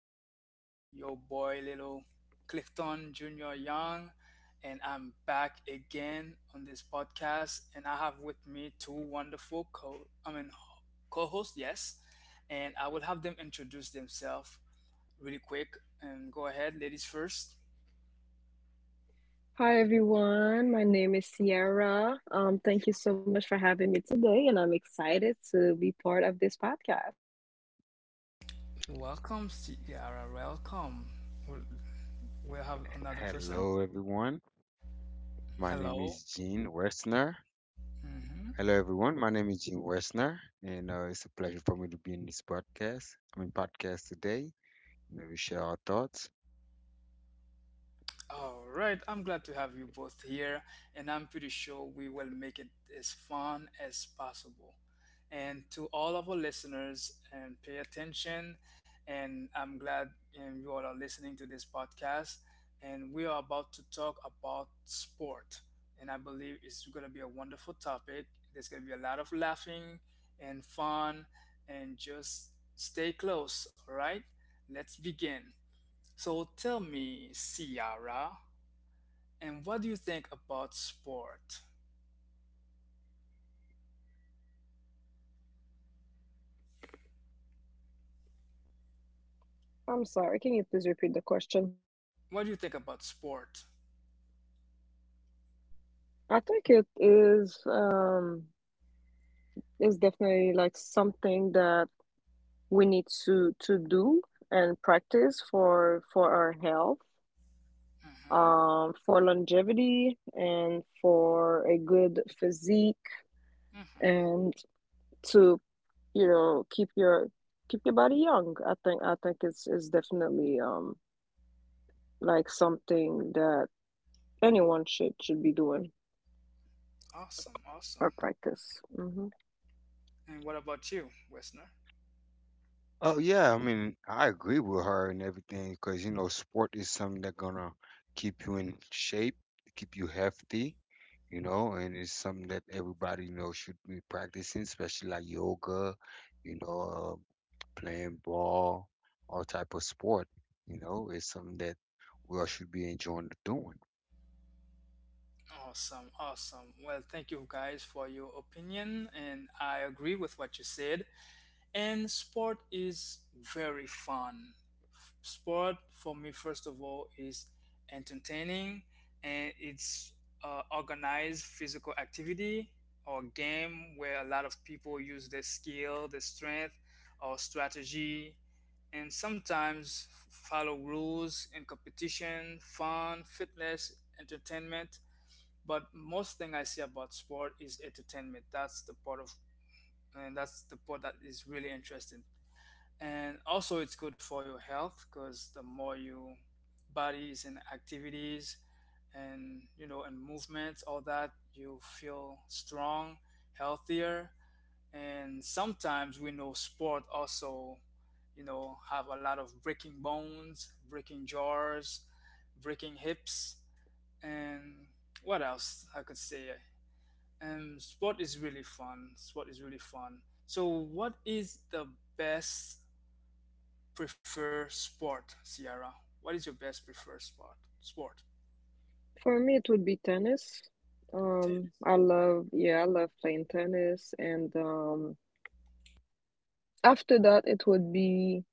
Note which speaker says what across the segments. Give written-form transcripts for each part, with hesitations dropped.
Speaker 1: This is your boy, little Clifton Junior Young, and I'm back again on this podcast. And I have with me two wonderful co-hosts, yes. And I will have them introduce themselves really quick. And go ahead, ladies first.
Speaker 2: Hi everyone, my name is Sierra. Thank you so much for having me today, and I'm excited to be part of this podcast.
Speaker 1: Welcome, Ciara. Welcome. We'll, we'll have another
Speaker 3: Hello,
Speaker 1: person.
Speaker 3: everyone. My name is
Speaker 1: Hello.
Speaker 3: Gene Westner.
Speaker 1: hmm
Speaker 3: Hello, everyone. My name is Gene Westner, and it's a pleasure for me to be in this podcast. I mean, podcast today. You know, we share our thoughts.
Speaker 1: All right, I'm glad to have you both here, and I'm pretty sure we will make it as fun as possible. And to all of our listeners, and pay attention. And I'm glad you all are listening to this podcast. And we are about to talk about sport, and I believe it's going to be a wonderful topic. There's going to be a lot of laughing and fun, and just stay close. All right, let's begin. So tell me, Ciara, and what do you think about sport?
Speaker 2: I'm sorry, can you please repeat the question?
Speaker 1: What do you think about sport?
Speaker 2: I think it is definitely like something that we need to do and practice for our health,
Speaker 1: Mm-hmm.
Speaker 2: for longevity, and for a good physique,
Speaker 1: Mm-hmm.
Speaker 2: and to keep your body young. I think it's definitely like something that anyone should be doing,
Speaker 1: Awesome, awesome.
Speaker 2: or practice.
Speaker 1: And what about you, listener?
Speaker 3: Oh yeah, I mean, I agree with her and everything because you know, sport is something that's gonna keep you in shape, keep you healthy. You know, and it's something that everybody you know should be practicing, especially like yoga. You know, playing ball, all type of sport. You know, it's something that we all should be enjoying doing.
Speaker 1: Awesome, awesome. Well, thank you guys for your opinion, and I agree with what you said. And sport is very fun. Sport for me, first of all, is entertaining and it's organized physical activity or game where a lot of people use their skill, their strength, or strategy, and sometimes follow rules in competition, fun, fitness, entertainment. But most thing I see about sport is entertainment. That's the part of and that's the part that is really interesting, and also it's good for your health because the more you bodies and activities and you know and movements all that you feel strong, healthier, and sometimes we know sport also you know have a lot of breaking bones, breaking jaws, breaking hips, and what else I could say, and sport is really fun. So what is the best prefer sport, Ciara? What is your best preferred sport? Sport.
Speaker 2: For me, it would be tennis.
Speaker 1: Tennis.
Speaker 2: I love Yeah, I love playing tennis, and after that it would be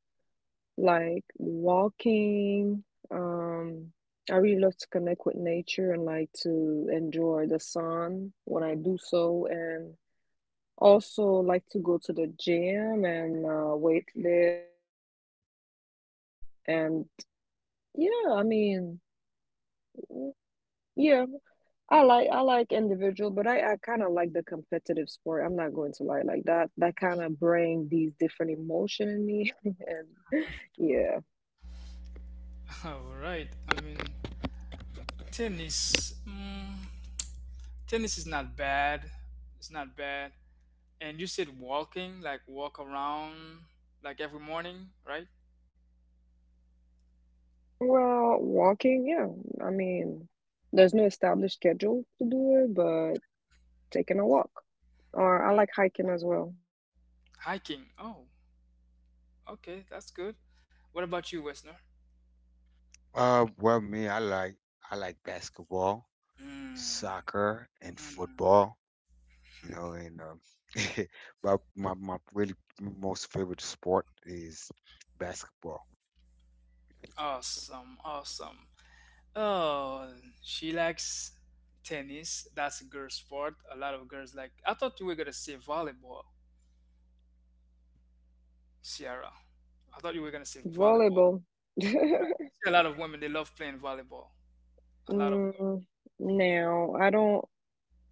Speaker 2: like walking. um I really love to connect with nature and like to enjoy the sun when I do so, and. Also, like to go to the gym and weight lift, and yeah, I mean, mm, yeah, I like individual, but I kind of like the competitive sport. I'm not going to lie, like that kind of bring these different emotion in me and yeah.
Speaker 1: All right. I mean, tennis. Mm, tennis is not bad. It's not bad. And you said walking, like walk around, like every morning, right?
Speaker 2: Well, walking, yeah. I mean, there's no established schedule to do it, but taking a walk. Or I like hiking as well.
Speaker 1: Hiking. Oh, okay, that's good. What about you, Wesner?
Speaker 3: Well, me, I like basketball,
Speaker 1: Mm,
Speaker 3: soccer, and
Speaker 1: mm,
Speaker 3: football. You know, and but my really most favorite sport is basketball.
Speaker 1: awesome, awesome. Oh, she likes tennis. That's a girl sport. A lot of girls like. I thought you were gonna say volleyball, Sierra. I thought you were gonna say volleyball.
Speaker 2: Volleyball.
Speaker 1: I see a lot of women they love playing volleyball. A lot of
Speaker 2: Mm, Now, I don't.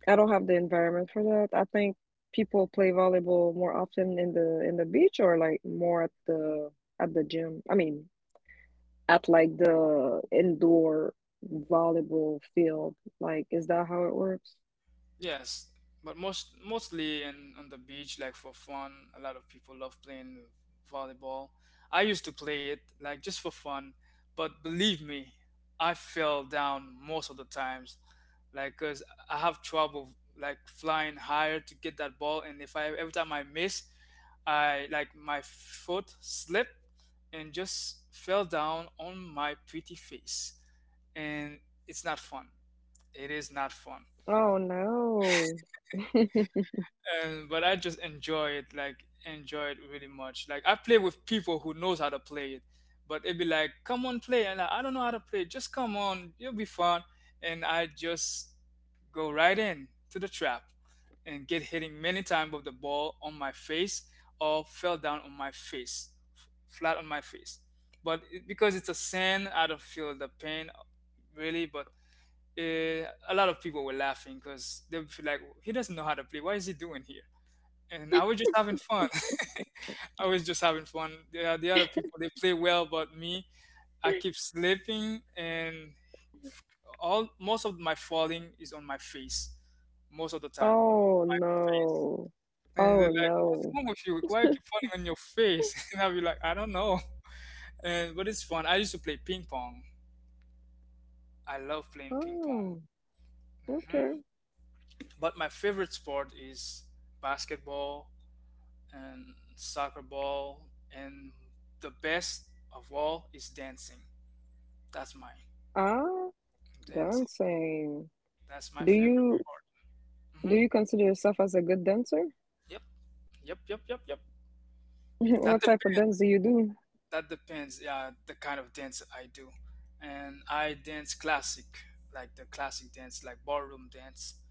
Speaker 2: I don't have the environment for that. I think people play volleyball more often in the beach, or like more at the gym. I mean, at like the indoor volleyball field. Like, is that how it works?
Speaker 1: yes, but most mostly in on the beach, like for fun. A lot of people love playing volleyball. I used to play it like just for fun, but believe me, I fell down most of the times, like because I have trouble like flying higher to get that ball, and if I every time I miss, I like my foot slipped and just fell down on my pretty face, and it's not fun. It is not fun.
Speaker 2: Oh no.
Speaker 1: And but I just enjoy it, like enjoy it really much. Like I play with people who knows how to play it, but it'd be like, come on, play, and like, I don't know how to play. Just come on, you'll be fun, and I just go right in to the trap and get hitting many times with the ball on my face or fell down on my face, flat on my face. But it, because it's a sin, I don't feel the pain really, but. A lot of people were laughing because they feel like he doesn't know how to play. Why is he doing here? And I was just having fun. I was just having fun. The other people they play well, but me, I keep slipping, and all most of my falling is on my face, most of the time.
Speaker 2: Oh no.
Speaker 1: And they're
Speaker 2: Oh
Speaker 1: like, "What's
Speaker 2: no.
Speaker 1: wrong with you? Why you keep falling on your face?" And I'll be like, "I don't know." And but it's fun. I used to play ping pong. I love playing ping
Speaker 2: Oh,
Speaker 1: pong.
Speaker 2: okay.
Speaker 1: hmm But my favorite sport is basketball and soccer ball, and the best of all is dancing. That's mine.
Speaker 2: Ah,
Speaker 1: Dancing.
Speaker 2: dancing.
Speaker 1: That's my
Speaker 2: Do
Speaker 1: favorite
Speaker 2: you
Speaker 1: sport.
Speaker 2: do
Speaker 1: hmm
Speaker 2: you consider yourself as a good dancer?
Speaker 1: Yep. Yep. Yep. Yep. Yep. That
Speaker 2: What type of
Speaker 1: depends.
Speaker 2: dance do?
Speaker 1: That depends. Yeah, the kind of dance I do, and I dance classic, like the classic dance, like ballroom dance.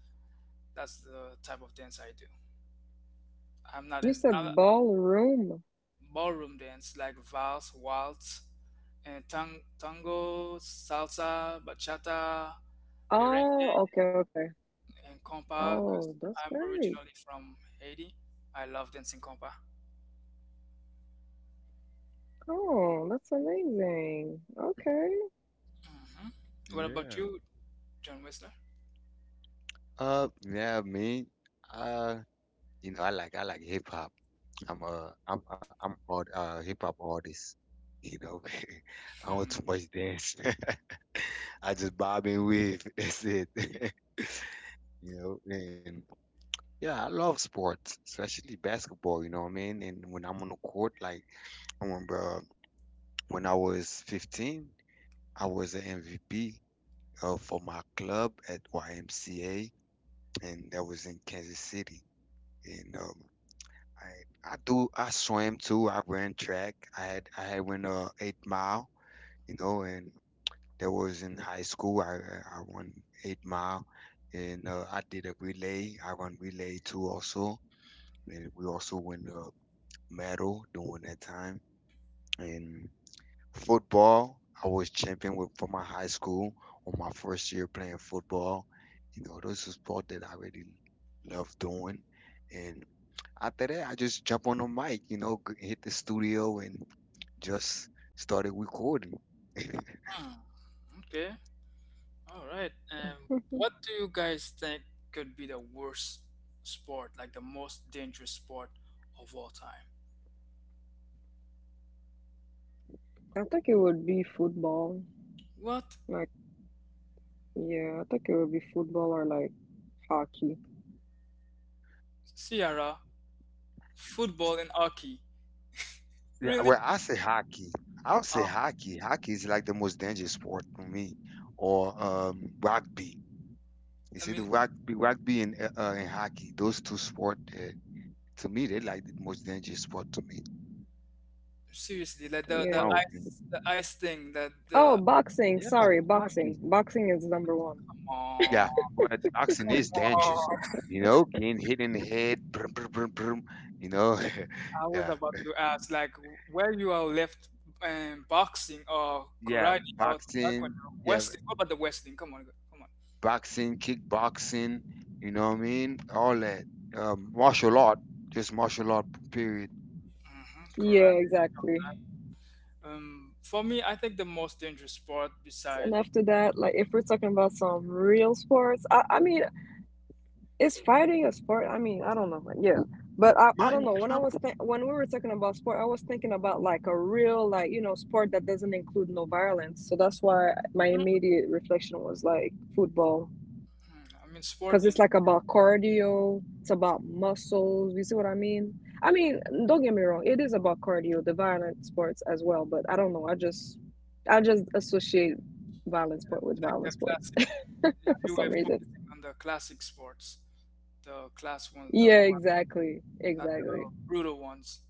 Speaker 1: That's the type of dance I do. I'm not
Speaker 2: You
Speaker 1: in
Speaker 2: said ballroom.
Speaker 1: ballroom dance, like vals, waltz, and tango, salsa, bachata, merengue,
Speaker 2: Oh, okay, okay.
Speaker 1: and compa. Because
Speaker 2: Oh, that's
Speaker 1: I'm
Speaker 2: great.
Speaker 1: originally from Haiti. I love dancing compa.
Speaker 2: Oh, that's amazing. Okay.
Speaker 1: hmm What about
Speaker 3: Yeah.
Speaker 1: you, John Whistler?
Speaker 3: Yeah, me. Uh, You know, I like hip hop. I'm a I'm a- I'm art hip hop artist. You know, I don't
Speaker 1: Hmm.
Speaker 3: too much dance. I just bob and weave. That's it. You know, and yeah, I love sports, especially basketball. You know what I mean? And when I'm on the court, like I remember when I was 15, I was an MVP for my club at YMCA, and that was in Kansas City. And I I swam too. I ran track. I had went 8 mile, you know, and that was in high school. I won 8 mile, and I did a relay. I run relay too also, and we also won a medal during that time. And football, I was champion with for my high school on my first year playing football. You know, those are sport that I really love doing, and. After that, I just jump on the mic, you know, hit the studio and just started recording.
Speaker 1: hmm, Okay. All right. What do you guys think could be the worst sport, like the most dangerous sport of all time?
Speaker 2: I think it would be football.
Speaker 1: What?
Speaker 2: Like, yeah, I think it would be football or like hockey.
Speaker 1: Sierra, football and hockey.
Speaker 3: Yeah,
Speaker 1: Really?
Speaker 3: well, I say hockey. I'll say
Speaker 1: Ah,
Speaker 3: hockey. Hockey is like the most dangerous sport for me, or rugby. You
Speaker 1: I
Speaker 3: see, the
Speaker 1: mean,
Speaker 3: rugby and hockey, those two sports, to me, they're like the most dangerous sport to me,
Speaker 1: seriously, like the, the
Speaker 3: my
Speaker 2: Yeah.
Speaker 3: opinion.
Speaker 1: ice the ice thing that
Speaker 2: Oh,
Speaker 1: the
Speaker 2: boxing.
Speaker 3: Yeah,
Speaker 2: Sorry,
Speaker 3: hockey.
Speaker 2: boxing. Boxing is number one.
Speaker 3: Yeah,
Speaker 1: oh,
Speaker 3: but boxing
Speaker 1: come
Speaker 3: is dangerous.
Speaker 1: on.
Speaker 3: You know, getting hit in the head, brum, brum, brum, brum, you know,
Speaker 1: I was
Speaker 3: yeah.
Speaker 1: about to ask, like, where you are left boxing or
Speaker 3: Yeah,
Speaker 1: karate or
Speaker 3: boxing.
Speaker 1: taekwondo,
Speaker 3: Yeah,
Speaker 1: wrestling. What about the wrestling? Come on, come on.
Speaker 3: boxing, kickboxing. You know what I mean? All that. Martial art, just martial art. Period.
Speaker 2: Yeah,
Speaker 1: Correct.
Speaker 2: exactly. Any sport that you gotta
Speaker 1: For me,
Speaker 2: fight,
Speaker 1: I think
Speaker 2: that
Speaker 1: the
Speaker 2: that's
Speaker 1: most
Speaker 2: definitely
Speaker 1: dangerous
Speaker 2: the most
Speaker 1: sport
Speaker 2: dangerous. And
Speaker 1: beside,
Speaker 2: after that, like if we're talking about some real sports, I mean. Is fighting a sport? I mean, I don't know. Like, yeah, but I don't
Speaker 3: Martin
Speaker 2: know. When I was
Speaker 3: Compton.
Speaker 2: th- when we were talking about sport, I was thinking about like a real, like sport that doesn't include no violence. So that's why my
Speaker 1: mhm.
Speaker 2: immediate reflection was like football,
Speaker 1: I mean, sport
Speaker 2: because it's like
Speaker 1: in
Speaker 2: about cardio. It's about muscles. You see what I mean? I mean, don't get me wrong. It is about cardio, the violent sports as well. But I don't know. I just associate violent sport with
Speaker 1: like
Speaker 2: violent
Speaker 1: the
Speaker 2: sport
Speaker 1: classic. Yeah,
Speaker 2: for
Speaker 1: you
Speaker 2: some
Speaker 1: were
Speaker 2: reason.
Speaker 1: focusing on the classic sports, the class ones, the
Speaker 2: Yeah,
Speaker 1: one,
Speaker 2: exactly.
Speaker 1: not
Speaker 2: Exactly.
Speaker 1: the brutal ones.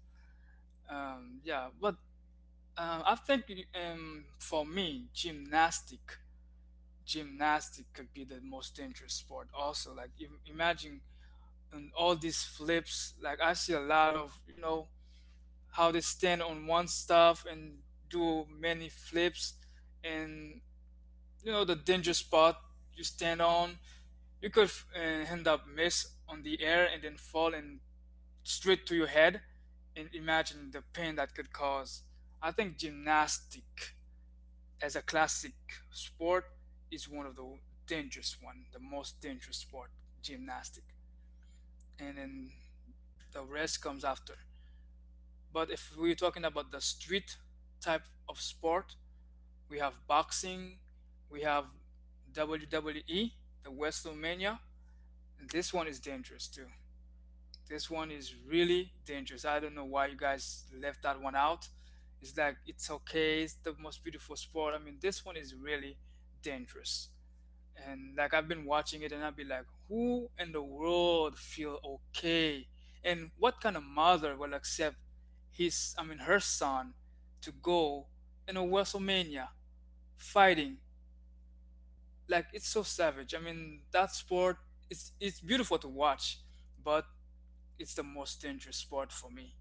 Speaker 1: Yeah, but I think for me, gymnastic. Gymnastic could be the most dangerous sport also like imagine and all these flips like I see a lot of you know how they stand on one stuff and do many flips and you know the danger spot you stand on you could end up miss on the air and then fall and straight to your head and imagine the pain that could cause. I think gymnastic as a classic sport is one of the dangerous one, the most dangerous sport, gymnastic. And then the rest comes after. But if we're talking about the street type of sport, we have boxing, we have WWE, the WrestleMania. This one is dangerous too. This one is really dangerous. I don't know why you guys left that one out. It's like it's okay, it's the most beautiful sport. I mean, this one is really dangerous. And like I've been watching it and I'll be like, who in the world feel okay? And what kind of mother will accept his I mean her son to go in a WrestleMania fighting? Like it's so savage. I mean that sport it's beautiful to watch, but it's the most dangerous sport for me.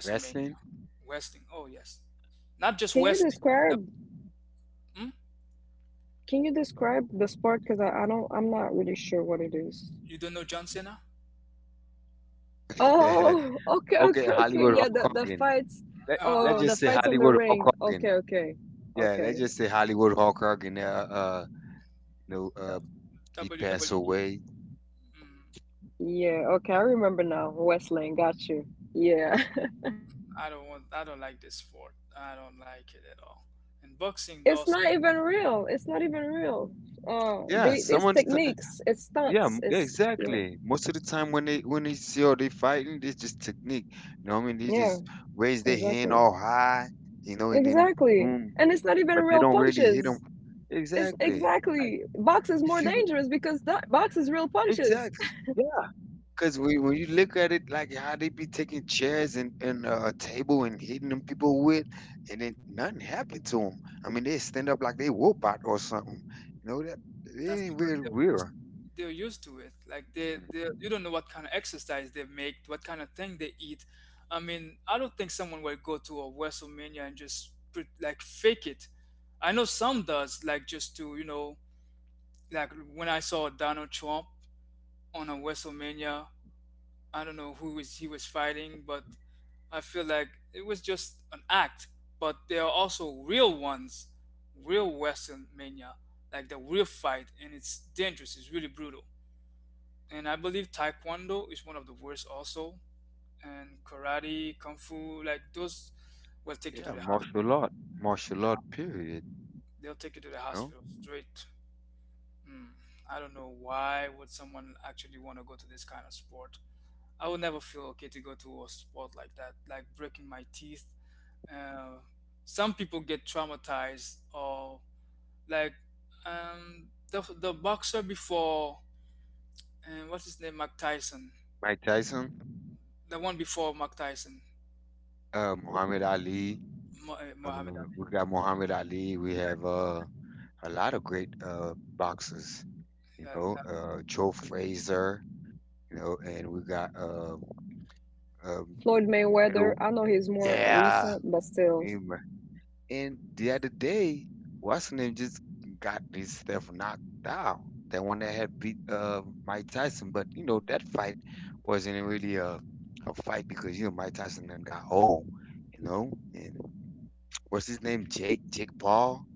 Speaker 3: Wrestling.
Speaker 1: Wrestling. Oh yes. Not just
Speaker 2: Can you
Speaker 1: wrestling. The-
Speaker 2: describe?
Speaker 1: hmm?
Speaker 2: Can you describe the sport? Because I don't. I'm not really sure what it is.
Speaker 1: You don't know John Cena?
Speaker 2: Oh, okay,
Speaker 3: Okay,
Speaker 2: okay, okay.
Speaker 3: Hollywood
Speaker 2: Yeah,
Speaker 3: Hulk
Speaker 2: the
Speaker 3: Hogan.
Speaker 2: fights.
Speaker 3: Let
Speaker 1: Uh,
Speaker 3: Let's
Speaker 2: Oh,
Speaker 3: just
Speaker 2: the
Speaker 3: say
Speaker 2: fights on the
Speaker 3: Hollywood Hulk
Speaker 2: ring.
Speaker 3: Hogan.
Speaker 2: Okay, okay,
Speaker 3: Yeah, let's
Speaker 2: okay.
Speaker 3: just say Hollywood Hulk Hogan. You know, he passed
Speaker 1: WWE.
Speaker 3: away.
Speaker 1: Mm.
Speaker 2: Yeah, okay. I remember now. Wrestling. Got you. Yeah.
Speaker 1: I don't want. I don't like this sport. I don't like it at all. And boxing
Speaker 2: It's
Speaker 1: also.
Speaker 2: not even real. It's not even real.
Speaker 3: Yeah,
Speaker 2: They It's techniques. It's
Speaker 3: yeah,
Speaker 2: stunts.
Speaker 3: yeah,
Speaker 2: It's Yeah,
Speaker 3: exactly. Most of the time when they see all they fighting, it's just technique. You know what I mean? They
Speaker 2: yeah.
Speaker 3: just raise their hand
Speaker 2: Exactly.
Speaker 3: all high, you know, and then
Speaker 2: Exactly.
Speaker 3: boom,
Speaker 2: And it's not even
Speaker 3: but they
Speaker 2: real
Speaker 3: don't really hit them.
Speaker 2: punches. It's
Speaker 3: Exactly. Like
Speaker 2: Exactly. Box is
Speaker 3: if
Speaker 2: more
Speaker 3: you
Speaker 2: dangerous because that box is real punches.
Speaker 3: exactly. Yeah, because when you look at it, like how they be taking chairs and a table and hitting them people with, and then nothing happened to them. I mean, they stand up like they robot or something. You know that it
Speaker 1: That's
Speaker 3: ain't
Speaker 1: because
Speaker 3: real
Speaker 1: they're used.
Speaker 3: real.
Speaker 1: They're used to it. Like they, they. You don't know what kind of exercise they make. What kind of thing they eat. I mean, I don't think someone will go to a WrestleMania and just put, like fake it. I know some does. Like just to you know. Like when I saw Donald Trump on a WrestleMania. I don't know who was he was fighting, but I feel like it was just an act, but there are also real ones, real WrestleMania, like the real fight, and it's dangerous. It's really brutal. And I believe Taekwondo is one of the worst also, and karate, kung fu, like those will take you to
Speaker 3: Yeah,
Speaker 1: the hospital.
Speaker 3: martial art, period.
Speaker 1: They'll take you to the
Speaker 3: You know,
Speaker 1: hospital straight. Mm, I don't know why would someone actually want to go to this kind of sport. I would never feel okay to go to a sport like that, like breaking my teeth. Uh, some people get traumatized or like the boxer before, what's his name, Mike Tyson,
Speaker 3: Mike Tyson,
Speaker 1: the one before Mike Tyson,
Speaker 3: Muhammad Ali.
Speaker 1: Muhammad
Speaker 3: Uh,
Speaker 1: Ali.
Speaker 3: we got Muhammad Ali. We have a lot of great boxers. You
Speaker 1: Yeah,
Speaker 3: know,
Speaker 1: that-
Speaker 3: Joe Frazier. You know, and we got um,
Speaker 2: Floyd Mayweather,
Speaker 3: Middle.
Speaker 2: I know he's more
Speaker 3: Yeah,
Speaker 2: recent, but still,
Speaker 3: and the other day, what's her name just got his stuff knocked out. That one that had beat Mike Tyson, but you know that fight wasn't really a fight because you know Mike Tyson and them got old, you know. And what's his name? Jake Paul.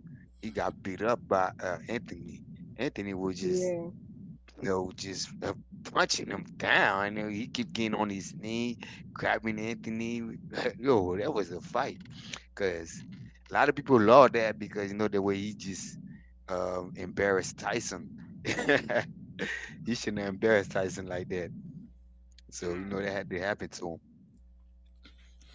Speaker 3: He got
Speaker 1: mhm.
Speaker 3: beat up by Anthony. Anthony was just
Speaker 2: yeah.
Speaker 3: you know, just punching him down. You know, he kept getting on his knee, grabbing Anthony. Yo, that was a fight because a lot of people love that because you know the way he just embarrassed Tyson. He shouldn't have embarrassed Tyson like that. So you know that
Speaker 1: Mm,
Speaker 3: had to happen to him.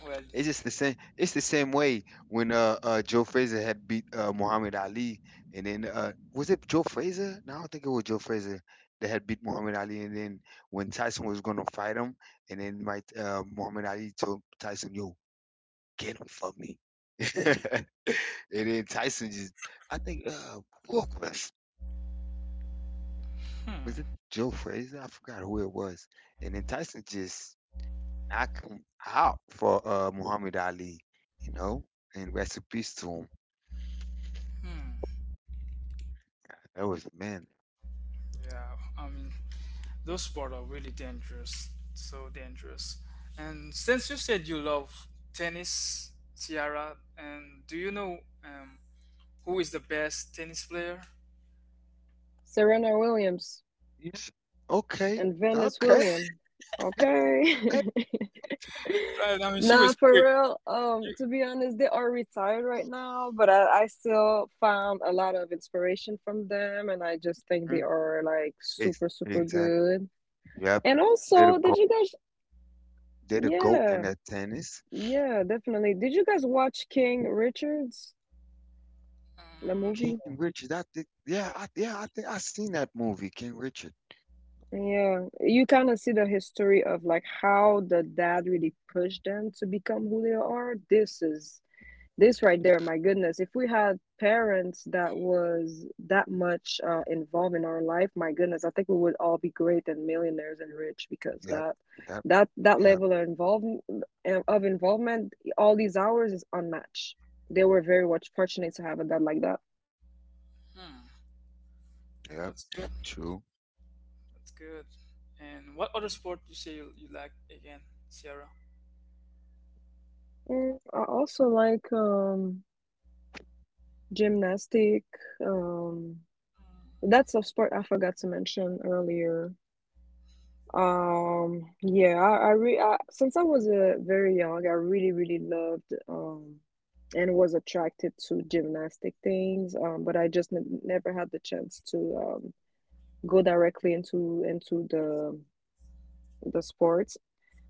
Speaker 1: well,
Speaker 3: It's just the same. It's the same way when Joe Frazier had beat Muhammad Ali, and then was it Joe Frazier? No, I don't think it was Joe Frazier that had beat Muhammad Ali, and then when Tyson was gonna fight him, and then my Muhammad Ali told Tyson, "Yo, get him for me," and then Tyson just, I think who was it
Speaker 1: hmm,
Speaker 3: Joe Frazier? I forgot who it was, and then Tyson just knocked him out for Muhammad Ali, you know, and rest in peace to him.
Speaker 1: hmm,
Speaker 3: That was the man.
Speaker 1: yeah, I mean, those sports are really dangerous, so dangerous. And since you said you love tennis, Ciara, and do you know who is the best tennis player?
Speaker 2: Serena Williams
Speaker 3: Yes. Okay.
Speaker 2: and Venus
Speaker 3: Okay.
Speaker 2: Williams.
Speaker 3: Yeah. I-
Speaker 2: Okay.
Speaker 1: I mean, she
Speaker 2: Nah,
Speaker 1: was
Speaker 2: for
Speaker 1: quick.
Speaker 2: real. To be honest, they are retired right now, but I still found a lot of inspiration from them, and I just think they
Speaker 3: mm,
Speaker 2: are like super, super
Speaker 3: Exactly.
Speaker 2: good.
Speaker 3: Yep.
Speaker 2: And
Speaker 3: They're the
Speaker 2: also, did
Speaker 3: goat.
Speaker 2: you guys?
Speaker 3: They're the goat in
Speaker 2: Yeah.
Speaker 3: that tennis.
Speaker 2: Yeah, definitely. Did you guys watch King Richards, the
Speaker 1: Um,
Speaker 3: King
Speaker 2: movie?
Speaker 3: Richard. I think. Yeah.
Speaker 1: no.
Speaker 3: Yeah. I think I seen that movie. King Richard.
Speaker 2: Yeah, you kind of see the history of like how the dad really pushed them to become who they are. This right there, my goodness. If we had parents that was that much involved in our life, my goodness, I think we would all be great and millionaires and rich, because
Speaker 3: Yep.
Speaker 2: that
Speaker 3: Yep.
Speaker 2: that that
Speaker 3: Yep.
Speaker 2: level of involvement, all these hours is unmatched. They were very much fortunate to have a dad like that.
Speaker 1: Hmm.
Speaker 3: Yep.
Speaker 1: That's good.
Speaker 3: True.
Speaker 1: That's good. And what other sport you say you, you like again, Sierra?
Speaker 2: I also like gymnastic. Um,
Speaker 1: Mm.
Speaker 2: that's a sport I forgot to mention earlier. Yeah, I since I was very young, I really, really loved, and was attracted to gymnastic things. But I just n never had the chance to go directly into the sports.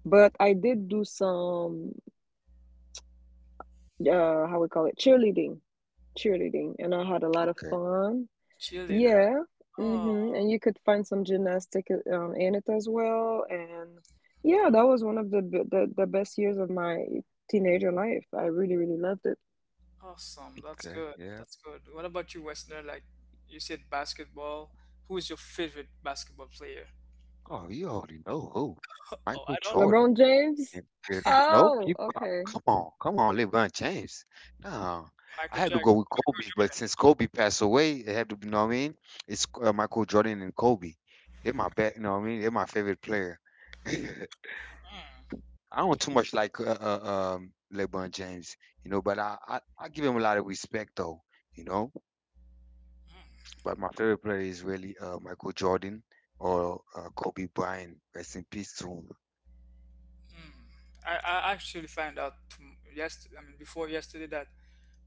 Speaker 2: But I did do some uh, how we call it, cheerleading, and I had a lot of
Speaker 3: Okay.
Speaker 2: fun.
Speaker 1: Cheerleader.
Speaker 2: Yeah,
Speaker 1: Oh,
Speaker 2: mhm, and you could find some gymnastic in it as well, and yeah,
Speaker 1: oh,
Speaker 2: that was one of the best years of my teenager life. I really, really loved it.
Speaker 1: awesome. That's
Speaker 3: Okay.
Speaker 1: good.
Speaker 3: Yeah.
Speaker 1: That's good. What about you, Westerner? Like you said, basketball. Who is your favorite basketball player?
Speaker 3: Oh, you already know who.
Speaker 1: Oh,
Speaker 3: Michael
Speaker 1: I don't.
Speaker 3: Jordan.
Speaker 2: LeBron James?
Speaker 3: Keep c c no,
Speaker 2: Oh,
Speaker 3: keep up.
Speaker 2: okay.
Speaker 3: Come on, come on, LeBron James. No, I
Speaker 1: Michael
Speaker 3: had to
Speaker 1: Jack.
Speaker 3: go with Kobe, but
Speaker 1: Michael
Speaker 3: since Kobe passed away, it had to be. You know what I mean? It's Michael Jordan and Kobe. They're my bet. You know what I mean? They're my favorite player.
Speaker 1: Jordan.
Speaker 3: I don't too much like LeBron James, you know, but I give him a lot of respect though, you know.
Speaker 1: Hmm.
Speaker 3: But my favorite player is really Michael Jordan or Kobe Bryant. Rest in peace to him.
Speaker 1: Hmm. I actually found out yesterday. I mean, before yesterday that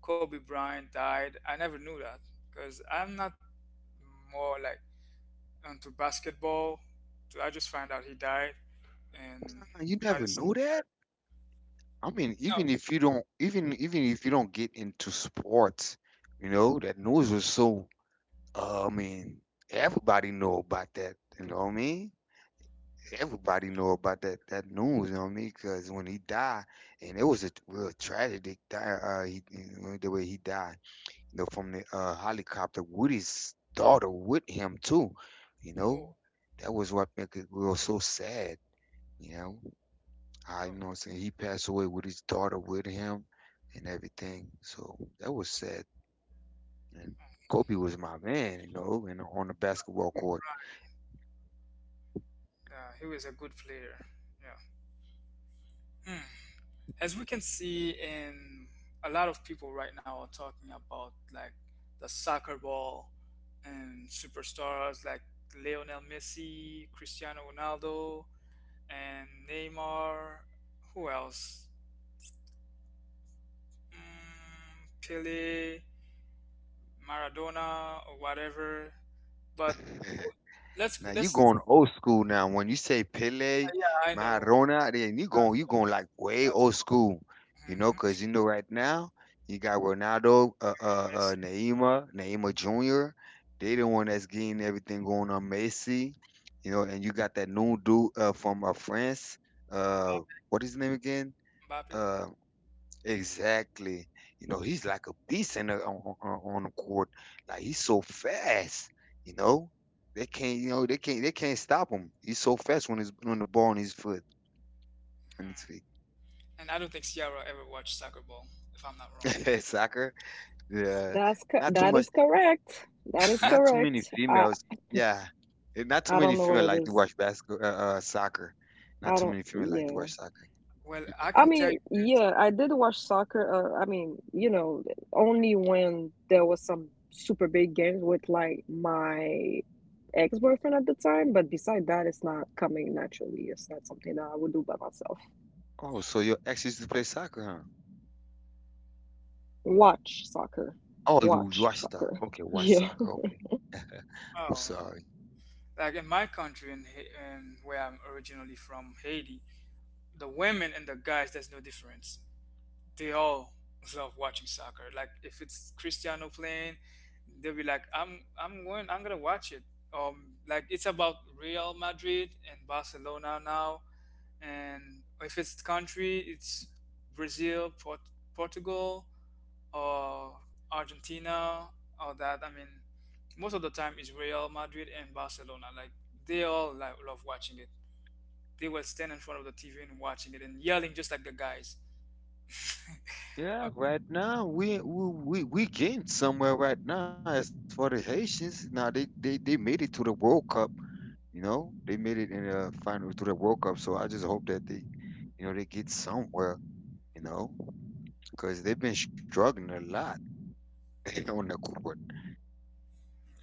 Speaker 1: Kobe Bryant died. I never knew that because I'm not more like onto basketball. So I just found out he died, and
Speaker 3: You
Speaker 1: that
Speaker 3: never
Speaker 1: is
Speaker 3: knew that. I mean,
Speaker 1: no.
Speaker 3: even if you don't, even if you don't get into sports, you know, that news was so. I mean, everybody know about that. You know what I mean? Everybody know about that news. You know what I mean? Because when he died, and it was a real tragedy. The way he died, you know, from the helicopter with his daughter with him too. You
Speaker 1: Oh,
Speaker 3: know, that was what make it real so sad. You know. I
Speaker 1: oh,
Speaker 3: know I'm saying he passed away with his daughter with him and everything. So that was sad. And Kobe was my man, you know, and on the basketball court.
Speaker 1: yeah, he was a good player. Yeah. Hmm. As we can see, in a lot of people right now are talking about like the soccer ball and superstars like Lionel Messi, Cristiano Ronaldo, and Neymar. Who else? Mm, Pele. Maradona or whatever. But who-
Speaker 3: Now you
Speaker 1: let's
Speaker 3: going old school now. When you say Pele,
Speaker 1: yeah, I know
Speaker 3: Maradona, then you going
Speaker 1: that's
Speaker 3: you
Speaker 1: awesome.
Speaker 3: going like way
Speaker 1: That's
Speaker 3: old
Speaker 1: awesome.
Speaker 3: school, you know,
Speaker 1: hmm
Speaker 3: 'cause you know right now you got Ronaldo,
Speaker 1: Messi,
Speaker 3: Neymar Jr. They the one that's getting everything going on Messi, you know, and you got that new dude from France. Uh, what is his name again?
Speaker 1: Mbappe.
Speaker 3: Uh, Exactly. You know, he's like a beast in the, on the court. Like he's so fast. You know, they can't. You know, they can't. They can't stop him. He's so fast when he's on the ball on his foot, on his
Speaker 1: Hmm.
Speaker 3: feet.
Speaker 1: And I don't think Sierra ever watched soccer ball, if I'm not wrong.
Speaker 3: Soccer. Yeah. Not too
Speaker 2: That
Speaker 3: much.
Speaker 2: is correct. That is
Speaker 3: Not too many
Speaker 2: correct. I
Speaker 3: females. Yeah. And not too
Speaker 2: I
Speaker 3: many
Speaker 2: don't know what
Speaker 3: female
Speaker 2: it
Speaker 3: like to
Speaker 2: is.
Speaker 3: watch basketball, soccer. Not
Speaker 2: I
Speaker 3: too
Speaker 2: don't.
Speaker 3: many female like to
Speaker 2: Yeah.
Speaker 3: watch soccer.
Speaker 1: Well, I
Speaker 2: I
Speaker 1: can tell you.
Speaker 2: mean, yeah, I did watch soccer. I mean, only when there was some super big games with like my ex-boyfriend at the time. But beside that, it's not coming naturally. It's not something that I would do by myself.
Speaker 3: Oh, so
Speaker 1: Hmm.
Speaker 3: your ex used to play soccer, huh?
Speaker 2: Watch soccer.
Speaker 3: Oh, it was
Speaker 2: Watch
Speaker 3: watch soccer.
Speaker 2: soccer.
Speaker 3: Okay, watch
Speaker 2: Yeah.
Speaker 3: soccer. Okay, I'm
Speaker 1: Oh,
Speaker 3: sorry.
Speaker 1: like in my country, in, in where I'm originally from, Haiti, the women and the guys, there's no difference. They all love watching soccer. Like if it's Cristiano playing, they'll be like, I'm going I'm gonna watch it." Like it's about Real Madrid and Barcelona now, and if it's country, it's Brazil, Portugal, or Argentina, or that. I mean, most of the time it's Real Madrid and Barcelona. Like they all like, love watching it. They will stand in front of the TV and watching it and yelling just like the guys.
Speaker 3: Yeah,
Speaker 1: Uh,
Speaker 3: right now we getting somewhere right now as for the Haitians. Now they made it to the World Cup. You know, they made it in a final through the World Cup, so I just hope that they, you know, they get somewhere. You know, because they've been struggling a lot on the court.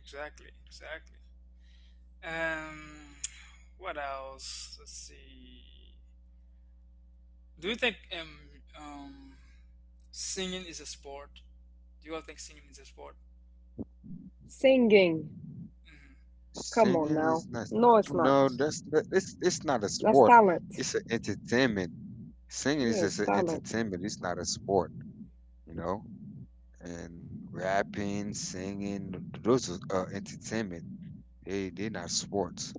Speaker 1: Exactly, exactly. Um, what else? Let's see. Do you think um, singing is a sport? Do you all think singing is a sport?
Speaker 2: Singing.
Speaker 1: hmm
Speaker 2: Come on
Speaker 3: Singing
Speaker 2: now.
Speaker 3: is not.
Speaker 2: No, it's not.
Speaker 3: No, that's it's not a
Speaker 2: That's
Speaker 3: sport.
Speaker 2: talent.
Speaker 3: It's an entertainment. Singing is
Speaker 2: Yes,
Speaker 3: just an
Speaker 2: talent.
Speaker 3: entertainment. It's not a sport. You know, and rapping, singing, those are entertainment. They're not sports.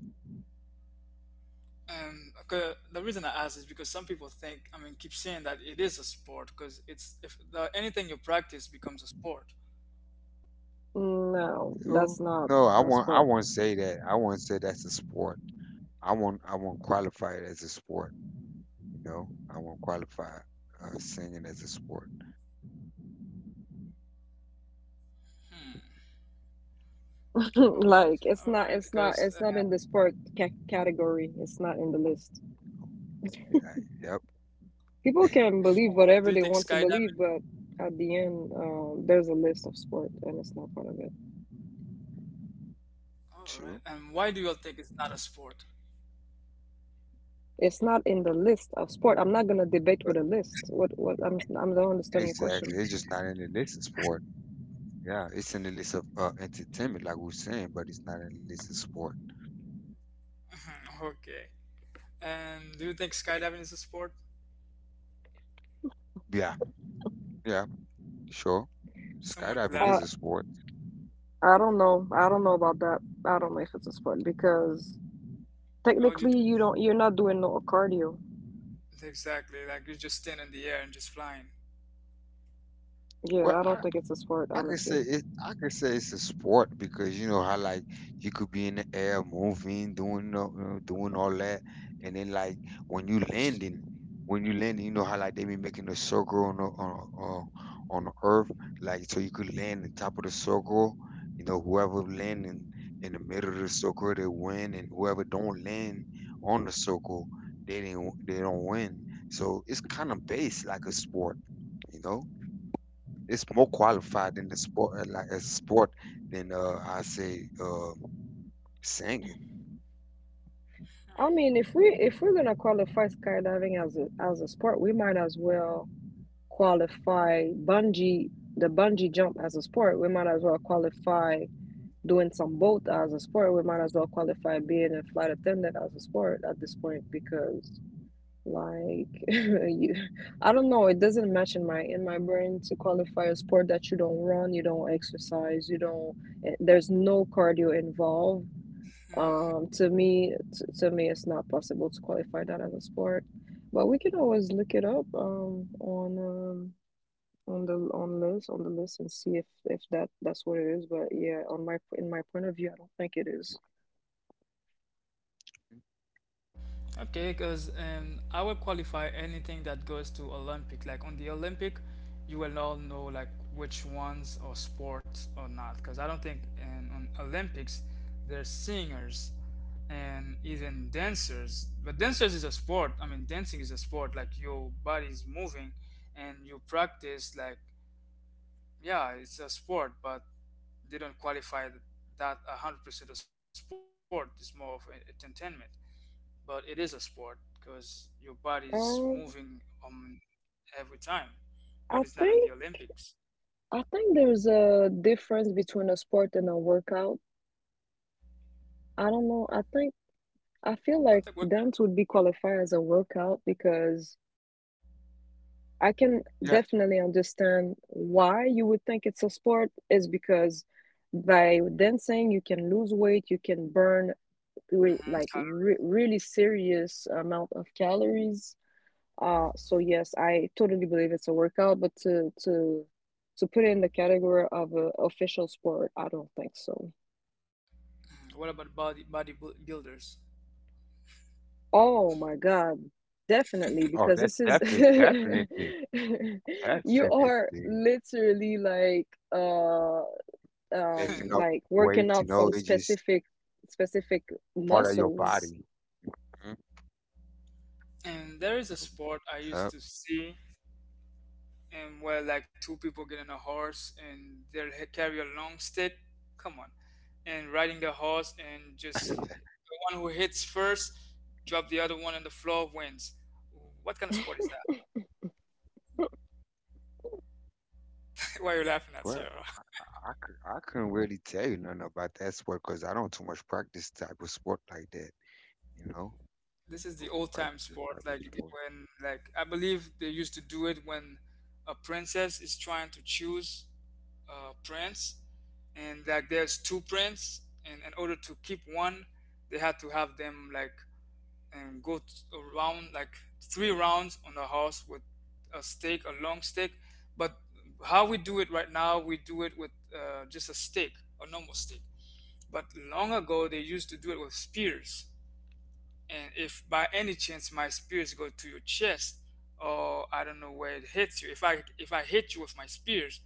Speaker 1: Okay, the reason I ask is because some people think, I mean, keep saying that it is a sport because it's if the, anything you practice becomes a sport.
Speaker 2: No, that's
Speaker 3: Oh
Speaker 2: not
Speaker 3: no, I
Speaker 2: a
Speaker 3: won't. I
Speaker 2: sport.
Speaker 3: won't say that. I won't say that's a sport. I won't qualify it as a sport. You know, I won't qualify singing as a sport.
Speaker 1: Hmm. All right, all right.
Speaker 2: Like
Speaker 1: Because
Speaker 2: it's not it's not it's not in the sport ca category. It's not in the list.
Speaker 3: You like,
Speaker 2: People
Speaker 1: all
Speaker 3: yep,
Speaker 2: can
Speaker 1: right, do you think
Speaker 2: believe whatever they want
Speaker 1: skydiving?
Speaker 2: to believe, but at the end, there's a list of sport, and it's not part of it.
Speaker 1: All right, and
Speaker 3: true.
Speaker 1: why do you all think it's not a sport?
Speaker 2: It's not in the list of sport. I'm not gonna debate with
Speaker 3: But
Speaker 2: a list. What I'm don't understand your
Speaker 3: exactly,
Speaker 2: question.
Speaker 3: it's just not in the list of sport. Yeah, it's in the list of entertainment, like we were saying, but it's not in the list of sport.
Speaker 1: Mhm. Okay. And do you think skydiving is a sport?
Speaker 3: Yeah, yeah, sure. Skydiving
Speaker 1: Someone's
Speaker 3: is
Speaker 2: I
Speaker 3: a sport.
Speaker 1: laughing.
Speaker 2: I don't know. I don't know about that. I don't know if it's a sport, because technically
Speaker 1: How do you
Speaker 2: you
Speaker 1: do?
Speaker 2: don't you're not doing no cardio.
Speaker 1: Exactly. Like you're just standing in the air and just flying.
Speaker 3: Well,
Speaker 2: Yeah, I
Speaker 3: I,
Speaker 2: don't think it's a sport,
Speaker 3: I could say
Speaker 2: honestly.
Speaker 3: it. I could say it's a sport because you know how like you could be in the air moving, you know, doing all that, and then like when you landing, when you landing, you know how like they be making a circle on the earth, like so you could land on top of the circle. You know whoever landing in the middle of the circle they win, and whoever don't land on the circle they don't win. So it's kind of based like a sport, you know. It's more qualified in the sport, like as sport than I say singing.
Speaker 2: I mean, if we're gonna qualify skydiving as a sport, we might as well qualify bungee the bungee jump as a sport. We might as well qualify doing some boat as a sport. We might as well qualify being a flight attendant as a sport at this point, because like you I don't know, it doesn't match in my brain to qualify a sport that you don't run, you don't exercise, you don't, there's no cardio involved.
Speaker 1: Hmm.
Speaker 2: To me, to me, it's not possible to qualify that as a sport, but we can always look it up on the list and see if that's what it is. But yeah, on my in my point of view, I don't think it is.
Speaker 1: Okay, because I will qualify anything that goes to Olympic. Like on the Olympic, you will all know like which ones are sports or not. Because I don't think in, on Olympics there's singers and even dancers. But dancers is a sport. I mean, dancing is a sport. Like your body is moving and you practice. Like yeah, it's a sport, but they don't qualify that 100% a sport, it's more of a entertainment, but it is a sport because your body's moving
Speaker 2: Um,
Speaker 1: every time, but it's not on the
Speaker 2: I think
Speaker 1: Olympics.
Speaker 2: I think there's a difference between a sport and a workout. I don't know. I
Speaker 1: I think
Speaker 2: feel
Speaker 1: we're
Speaker 2: like dance would be qualified as a workout, because. I can
Speaker 3: Yeah.
Speaker 2: definitely understand why you would think it's a sport, is because by dancing you can lose weight, you can burn, re
Speaker 1: Mhm.
Speaker 2: like re really serious amount of calories. So yes, I totally believe it's a workout, but to put it in the category of a official sport, I don't think so.
Speaker 1: What about bodybuilders?
Speaker 2: Oh my God, definitely,
Speaker 3: Oh,
Speaker 2: because
Speaker 3: that's
Speaker 2: this is
Speaker 3: definitely, definitely,
Speaker 2: you
Speaker 3: definitely
Speaker 2: are literally
Speaker 3: lifting up
Speaker 2: like
Speaker 3: weights. You
Speaker 2: working out
Speaker 3: know, it's
Speaker 2: some
Speaker 3: just
Speaker 2: specific
Speaker 3: part of your
Speaker 2: muscles.
Speaker 3: body.
Speaker 1: And
Speaker 3: Mhm.
Speaker 1: there is
Speaker 3: Yep.
Speaker 1: a sport I used to see, and where like two people get on a horse and they carry a long stick. Come on, and riding the horse and just the one who hits first, drop the other one on the floor, wins. What kind of sport is that? Why are you laughing at
Speaker 3: Well,
Speaker 1: Sierra?
Speaker 3: I couldn't really tell you nothing about that sport because I don't too much practice type of sport like that, you know,
Speaker 1: This is the old
Speaker 3: practice
Speaker 1: time
Speaker 3: this
Speaker 1: sport,
Speaker 3: type of
Speaker 1: like
Speaker 3: sport.
Speaker 1: when like I believe they used to do it when a princess is trying to choose a prince, and like there's two prince, and in order to keep one, they had to have them like and go around like three rounds on the house with a stake, a long stick. But how we do it right now, we do it with just a stick, a normal stick. But long ago, they used to do it with spears. And if by any chance my spears go to your chest, or I don't know where it hits you, if I hit you with my spears,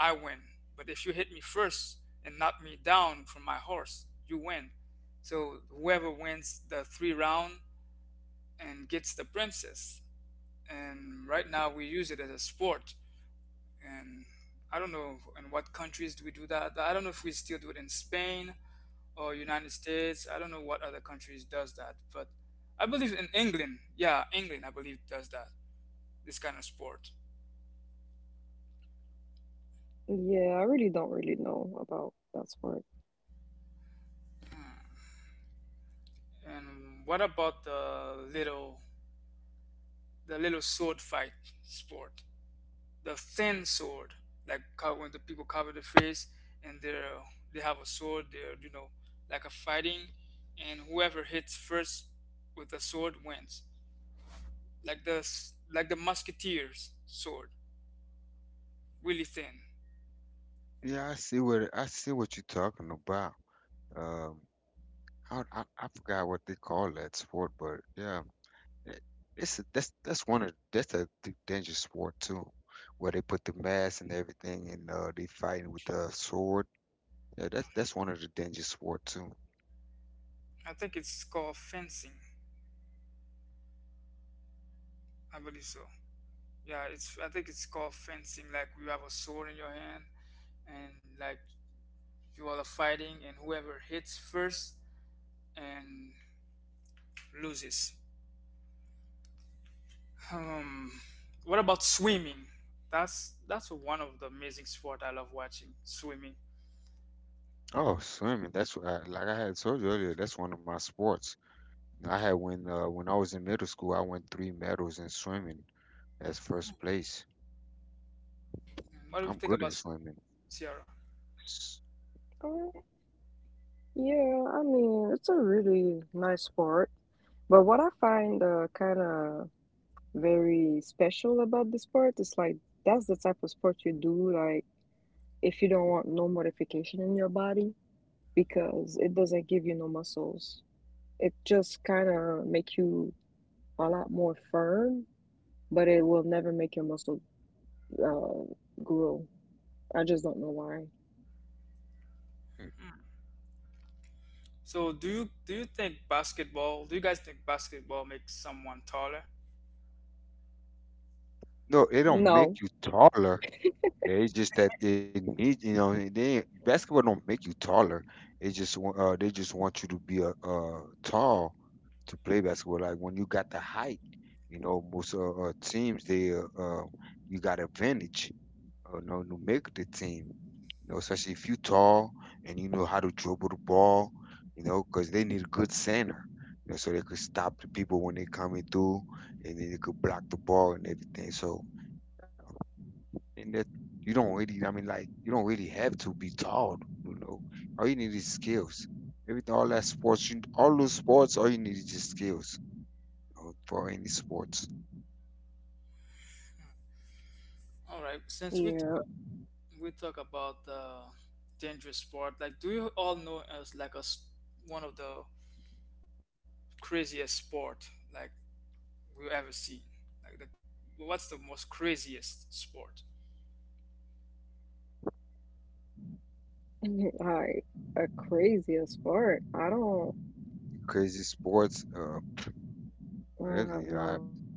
Speaker 1: I win. But if you hit me first and knock me down from my horse, you win. So whoever wins the three round and gets the princess. And right now we use it as a sport. And I don't know in what countries do we do that. I don't know if we still do it in Spain or United States. I don't know what other countries does that, but I believe in England. Yeah, England I believe does that. This kind of sport.
Speaker 2: Yeah, I really don't really know about that sport.
Speaker 1: Hmm. And what about the little sword fight sport? The thin sword, like when the people cover the face and they have a sword, they're you know like a fighting, and whoever hits first with the sword wins. Like the like the musketeer's sword, really thin.
Speaker 3: Yeah, I see what you're talking about. Um, I forgot what they call that sport, but yeah, Eh, It's a, that's one of that's a d- dangerous war too, where they put the mask and everything, and they fighting with the sword. Yeah, that's one of the dangerous war too.
Speaker 1: I think it's called fencing. I believe so. Yeah, it's I think it's called fencing. Like you have a sword in your hand and like you all are fighting, and whoever hits first and loses. Um, what about swimming? That's one of the amazing sport I love watching. Swimming.
Speaker 3: Oh, swimming. That's what like I had told you earlier. That's one of my sports. I had when I was in middle school, I won 3 medals in swimming as first place.
Speaker 1: What do you
Speaker 3: I'm
Speaker 1: think
Speaker 3: good in
Speaker 1: about swimming,
Speaker 3: swimming.
Speaker 1: Sierra?
Speaker 3: S-
Speaker 2: Uh, yeah, I mean, it's a really nice sport. But what I find kind of very special about the sport is like, that's the type of sport you do, like if you don't want no modification in your body, because it doesn't give you no muscles. It just kind of make you a lot more firm, but it will never make your muscle grow. I just don't know why.
Speaker 3: mm,
Speaker 1: So do you think basketball? Do you guys think basketball makes someone taller?
Speaker 3: No, it don't
Speaker 2: No.
Speaker 3: make you taller. Yeah, it's just that it needs you know, they ain't- basketball don't make you taller. They just want you to be a tall to play basketball. Like when you got the height, you know, most teams they you got advantage, you know, to make the team. You know, especially if you tall and you know how to dribble the ball, you know because they need a good center, you know, so they could stop the people when they coming through, and then they could block the ball and everything. So and that you don't really, I mean, like you don't really have to be tall, you know. All you need is skills. Everything, all that sports, you, all those sports, all you need is just skills you know, for any sports.
Speaker 1: All right. Since
Speaker 2: Yeah.
Speaker 1: we talk about the dangerous sport, like do you all know as like a one of the craziest sport like we've ever seen? Like the what's the most craziest sport?
Speaker 2: I are crazy as far. I don't
Speaker 3: Crazy sports,
Speaker 2: have
Speaker 3: really,
Speaker 2: no
Speaker 3: I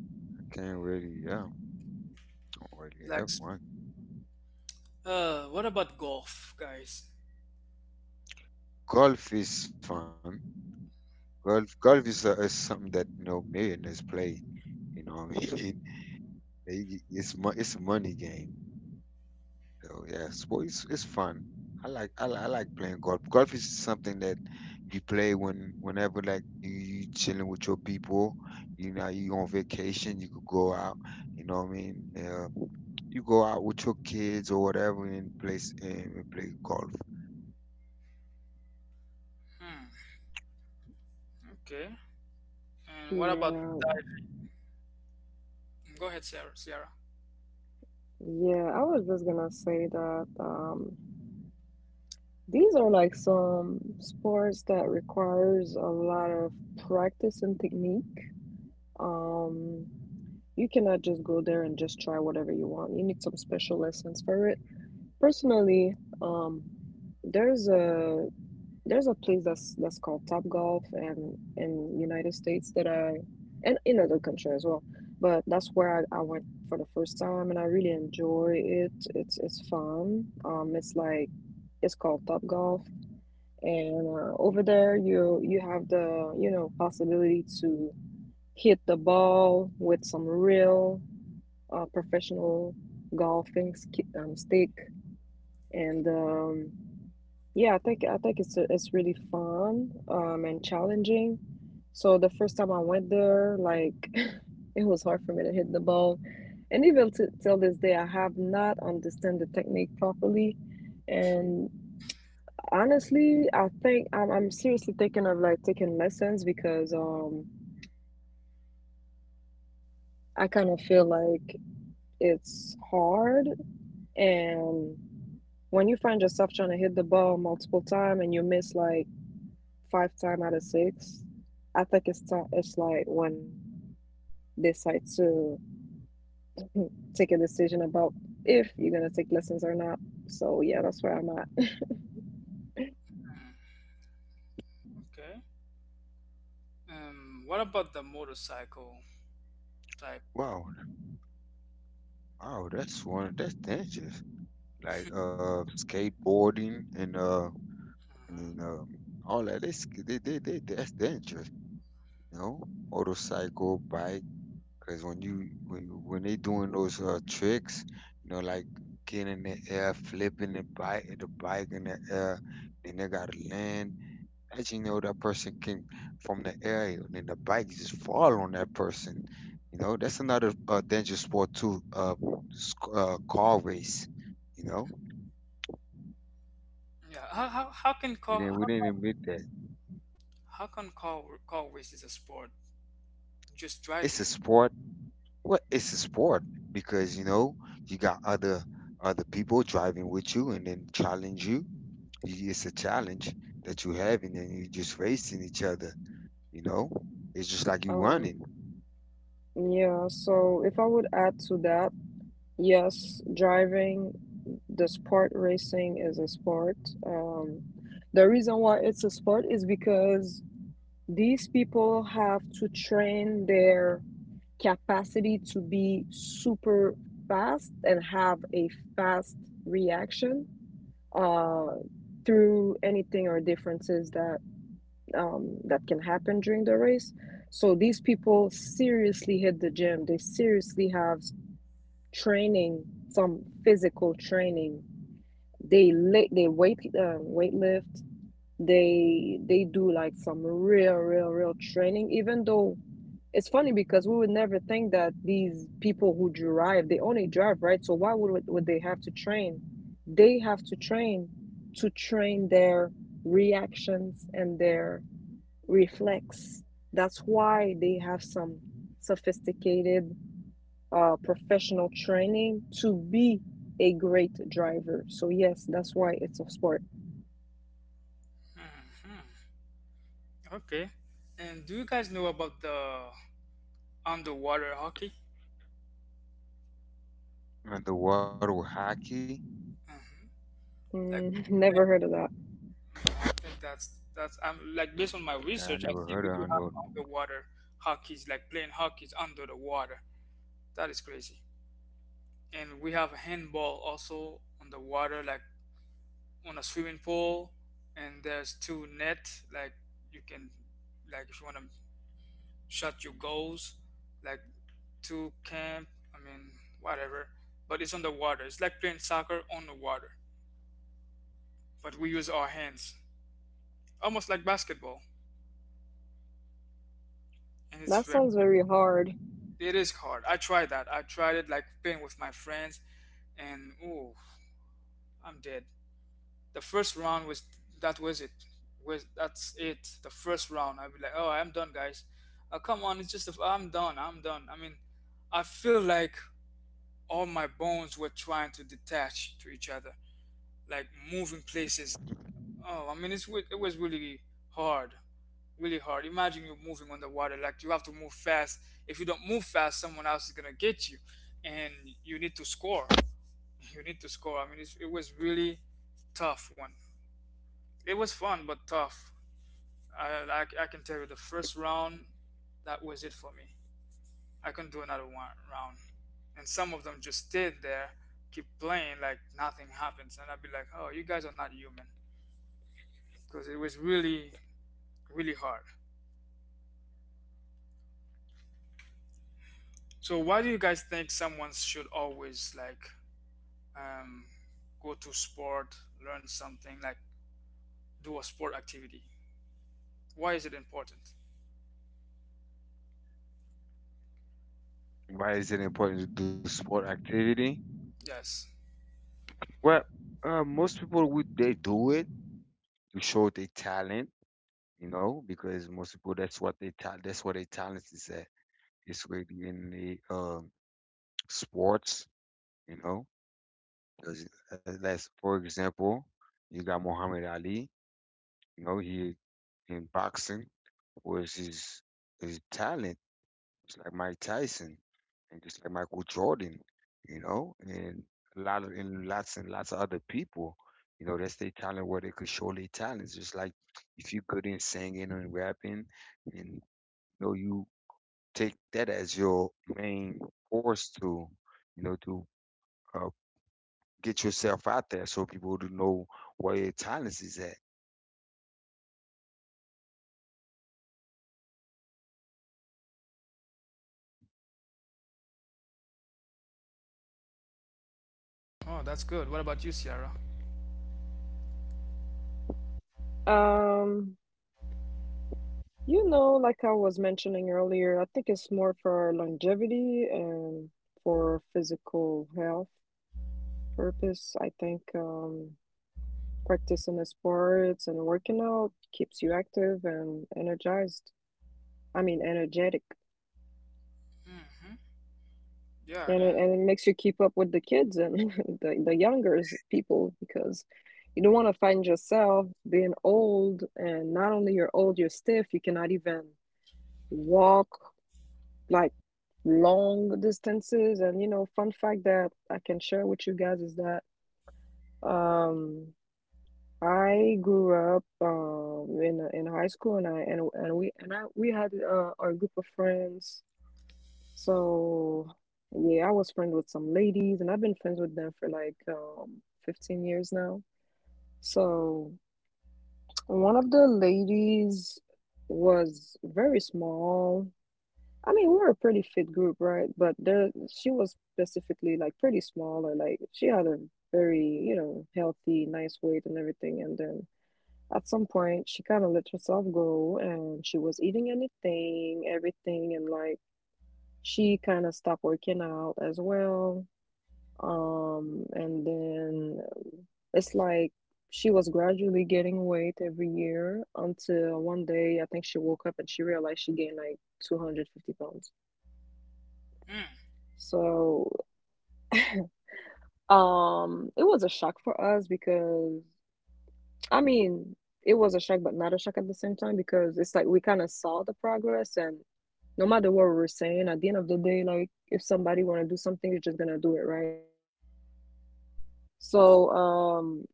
Speaker 3: can't really, don't really
Speaker 1: Like
Speaker 3: have one.
Speaker 1: what about golf, guys?
Speaker 3: Golf is fun. Golf is something that you know millionaires play. You know, what I mean, it's a money game. Oh yeah, sports it's fun. I like playing golf. Golf is something that you play when whenever like you chilling with your people. You know you on vacation, you could go out. You know what I mean? You go out with your kids or whatever and play golf.
Speaker 1: Okay. And what about
Speaker 2: yeah.
Speaker 1: that? Go ahead, Sarah. Sierra.
Speaker 2: Yeah. I was just gonna say that these are like some sports that requires a lot of practice and technique. Um you cannot just go there and just try whatever you want. You need some special lessons for it. Personally, um there's a There's a place that's called Top Golf, and in United States that I and in other country as well. But that's where I went for the first time and I really enjoy it. It's fun. It's called Top Golf, and over there you have the possibility to hit the ball with some real professional golfing sk stick, and yeah, I think it's really fun and challenging. So the first time I went there, like it was hard for me to hit the ball. And even t till this day, I have not understand the technique properly. And honestly, I think I'm seriously thinking of like taking lessons because I kind of feel like it's hard. And when you find yourself trying to hit the ball multiple time and you miss like five time out of six, I think it's time, it's like when they decide to take a decision about if you're gonna take lessons or not. So yeah, that's where I'm at.
Speaker 1: Mm, okay. What about the motorcycle type?
Speaker 3: Wow, wow, that's one that's dangerous. Like skateboarding and and
Speaker 1: Mhm.
Speaker 3: um all that. They, sk- they that's dangerous. You know, motorcycle, bike. Cause when you when you- when they doing those tricks, you know, like getting in the air, flipping the bike in the air, then they gotta land. As you know, that person came from the air, and then the bike just fall on that person. You know, that's another dangerous sport too. Car race. You know,
Speaker 1: Mhm. Yeah.
Speaker 3: we didn't we didn't admit that
Speaker 1: How can car race is a sport? Just
Speaker 3: it's
Speaker 1: driving.
Speaker 3: a sport. Well, it's a sport because you know you got other people driving with you and then challenge you. It's a challenge that you having and you just racing each other, you know? It's just like you
Speaker 2: Um,
Speaker 3: running.
Speaker 2: yeah, so if I would add to that, yes, driving, the sport racing is a sport. Um, the reason why it's a sport is because these people have to train their capacity to be super fast and have a fast reaction uh, through anything or differences that that can happen during the race. So these people seriously hit the gym. They seriously have training, some physical training. They weight lift. They do like some real real real training. Even though it's funny because we would never think that these people who drive, they only drive, right? So why would they have to train? They have to train their reactions and their reflex. That's why they have some sophisticated professional training to be a great driver. So yes, that's why it's a sport.
Speaker 1: hmm Okay. And do you guys know about the underwater hockey?
Speaker 3: Underwater hockey.
Speaker 1: hmm Like
Speaker 2: Mm, never
Speaker 1: yeah,
Speaker 2: heard of that.
Speaker 1: I think that's I'm
Speaker 3: I
Speaker 1: like based on
Speaker 3: never
Speaker 1: my
Speaker 3: heard of
Speaker 1: research,
Speaker 3: under
Speaker 1: I see we do have underwater hockeys, like playing hockeys under the water. That is crazy. And we have handball also on the water, like on a swimming pool, and there's two net, like you can like if you want to shot your goals, like two camp, I mean, whatever, but it's on the water, it's like playing soccer on the water, but we use our hands, almost like basketball. And it's
Speaker 2: That
Speaker 1: very,
Speaker 2: sounds very hard.
Speaker 1: it is hard. I tried that, I tried it like playing with my friends, and ooh, I'm dead. The first round was that was it, was that's it. The first round I'd be like, oh, I'm done, guys. Oh, come on, it's just a, I'm done, I mean, I feel like all my bones were trying to detach to each other, like moving places. Oh, I mean, it was really hard, really hard. Imagine you're moving on the water, like you have to move fast. If you don't move fast, someone else is gonna get you, and you need to score. You need to score. I mean, it's, it was really tough one. It was fun but tough. I can tell you the first round, that was it for me. I couldn't do another one round. And some of them just stayed there, keep playing like nothing happens. And I'd be like, oh, you guys are not human. Because it was really, really hard. So why do you guys think someone should always like um, go to sport, learn something, like do a sport activity? Why is it important?
Speaker 3: Why is it important to do sport activity?
Speaker 1: Yes.
Speaker 3: Well, most people would they do it to show their talent, you know, because most people that's what their talent is at. It's really in the sports, you know. Because let's for example, you got Muhammad Ali, you know, he in boxing was his talent, just like Mike Tyson and just like Michael Jordan, you know, and a lot of and lots of other people, you know, that's their talent where they could show their talents. Just like if you're good in singing and rapping, and you know, you take that as your main force to, you know, to uh, get yourself out there so people to know where your talents is at.
Speaker 1: Oh, that's good. What about you, Sierra?
Speaker 2: Um, you know, like I was mentioning earlier, I think it's more for longevity and for physical health purpose. I think practicing the sports and working out keeps you active and energized. I mean, energetic.
Speaker 1: hmm Yeah,
Speaker 2: and it,
Speaker 1: and
Speaker 2: and it makes you keep up with the kids and the younger people because you don't want to find yourself being old, and not only you're old, you're stiff, you cannot even walk like long distances. And you know, fun fact that I can share with you guys is that um I grew up in high school, and I and we and I we had our group of friends. So yeah, I was friends with some ladies, and I've been friends with them for like 15 years now. So one of the ladies was very small. I mean, we were a pretty fit group, right? But there, she was specifically like pretty small, or like she had a very, you know, healthy, nice weight and everything. And then at some point, she kind of let herself go, and she was eating anything, everything, and like she kind of stopped working out as well. And then It's like she was gradually gaining weight every year until one day I think she woke up and she realized she gained like 250 pounds. So, it was a shock for us because, I mean, it was a shock, but not a shock at the same time, because it's like we kind of saw the progress. And no matter what we were saying, at the end of the day, like, if somebody want to do something, they're just gonna do it, right? So,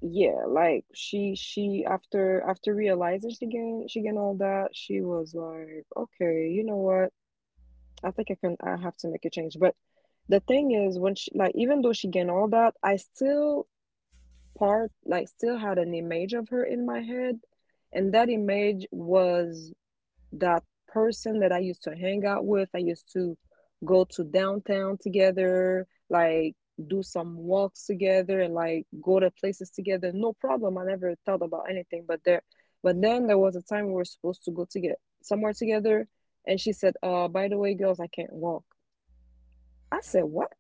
Speaker 2: yeah, like she after realizing she gained all that, she was like, okay, you know what? I think I can I have to make a change. But the thing is, when she like even though she gained all that, I still part like still had an image of her in my head, and that image was that person that I used to hang out with. I used to go to downtown together, like do some walks together and like go to places together. No problem. I never thought about anything. But then there was a time we were supposed to go to get somewhere together, and she said, "Uh, by the way, girls, I can't walk." I
Speaker 1: mm.
Speaker 2: said, "What?"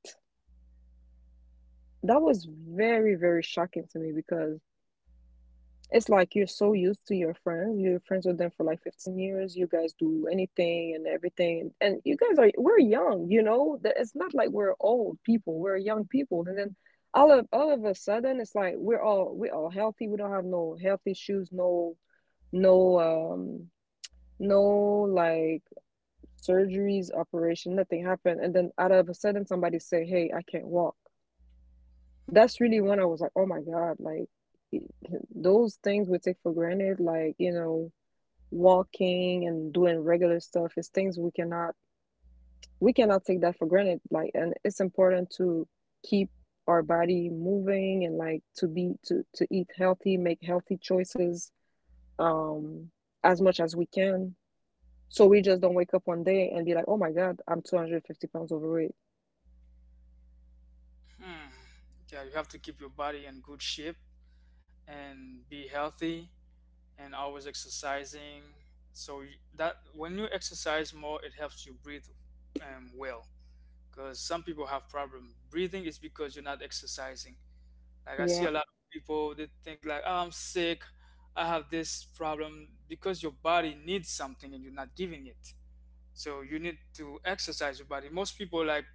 Speaker 2: That was very, very shocking to me, because it's like you're so used to your friends. You're friends with them for like 15 years. You guys do anything and everything. And you guys are, we're young, you know? That- it's not like we're old people. We're young people. And then all of a sudden, it's like we're all healthy. We don't have no health issues, no um no like surgeries, operation, nothing happened. And then out of a sudden somebody say, "Hey, I can't walk." That's really when I was like, oh my God, like it- those things we take for granted, like, you know, walking and doing regular stuff is things we cannot take that for granted. Like, and it's important to keep our body moving, and like to be to eat healthy, make healthy choices, um, as much as we can. So we just don't wake up one day and be like, oh my God, I'm 250 pounds overweight.
Speaker 1: Hmm. Yeah, you have to keep your body in good shape and be healthy and always exercising. So that when you exercise more, it helps you breathe well. Because some people have problem breathing is because you're not exercising. Like I see
Speaker 2: Yeah,
Speaker 1: a lot of people they think like, oh, I'm sick, I have this problem because your body needs something and you're not giving it. So you need to exercise your body. Most people like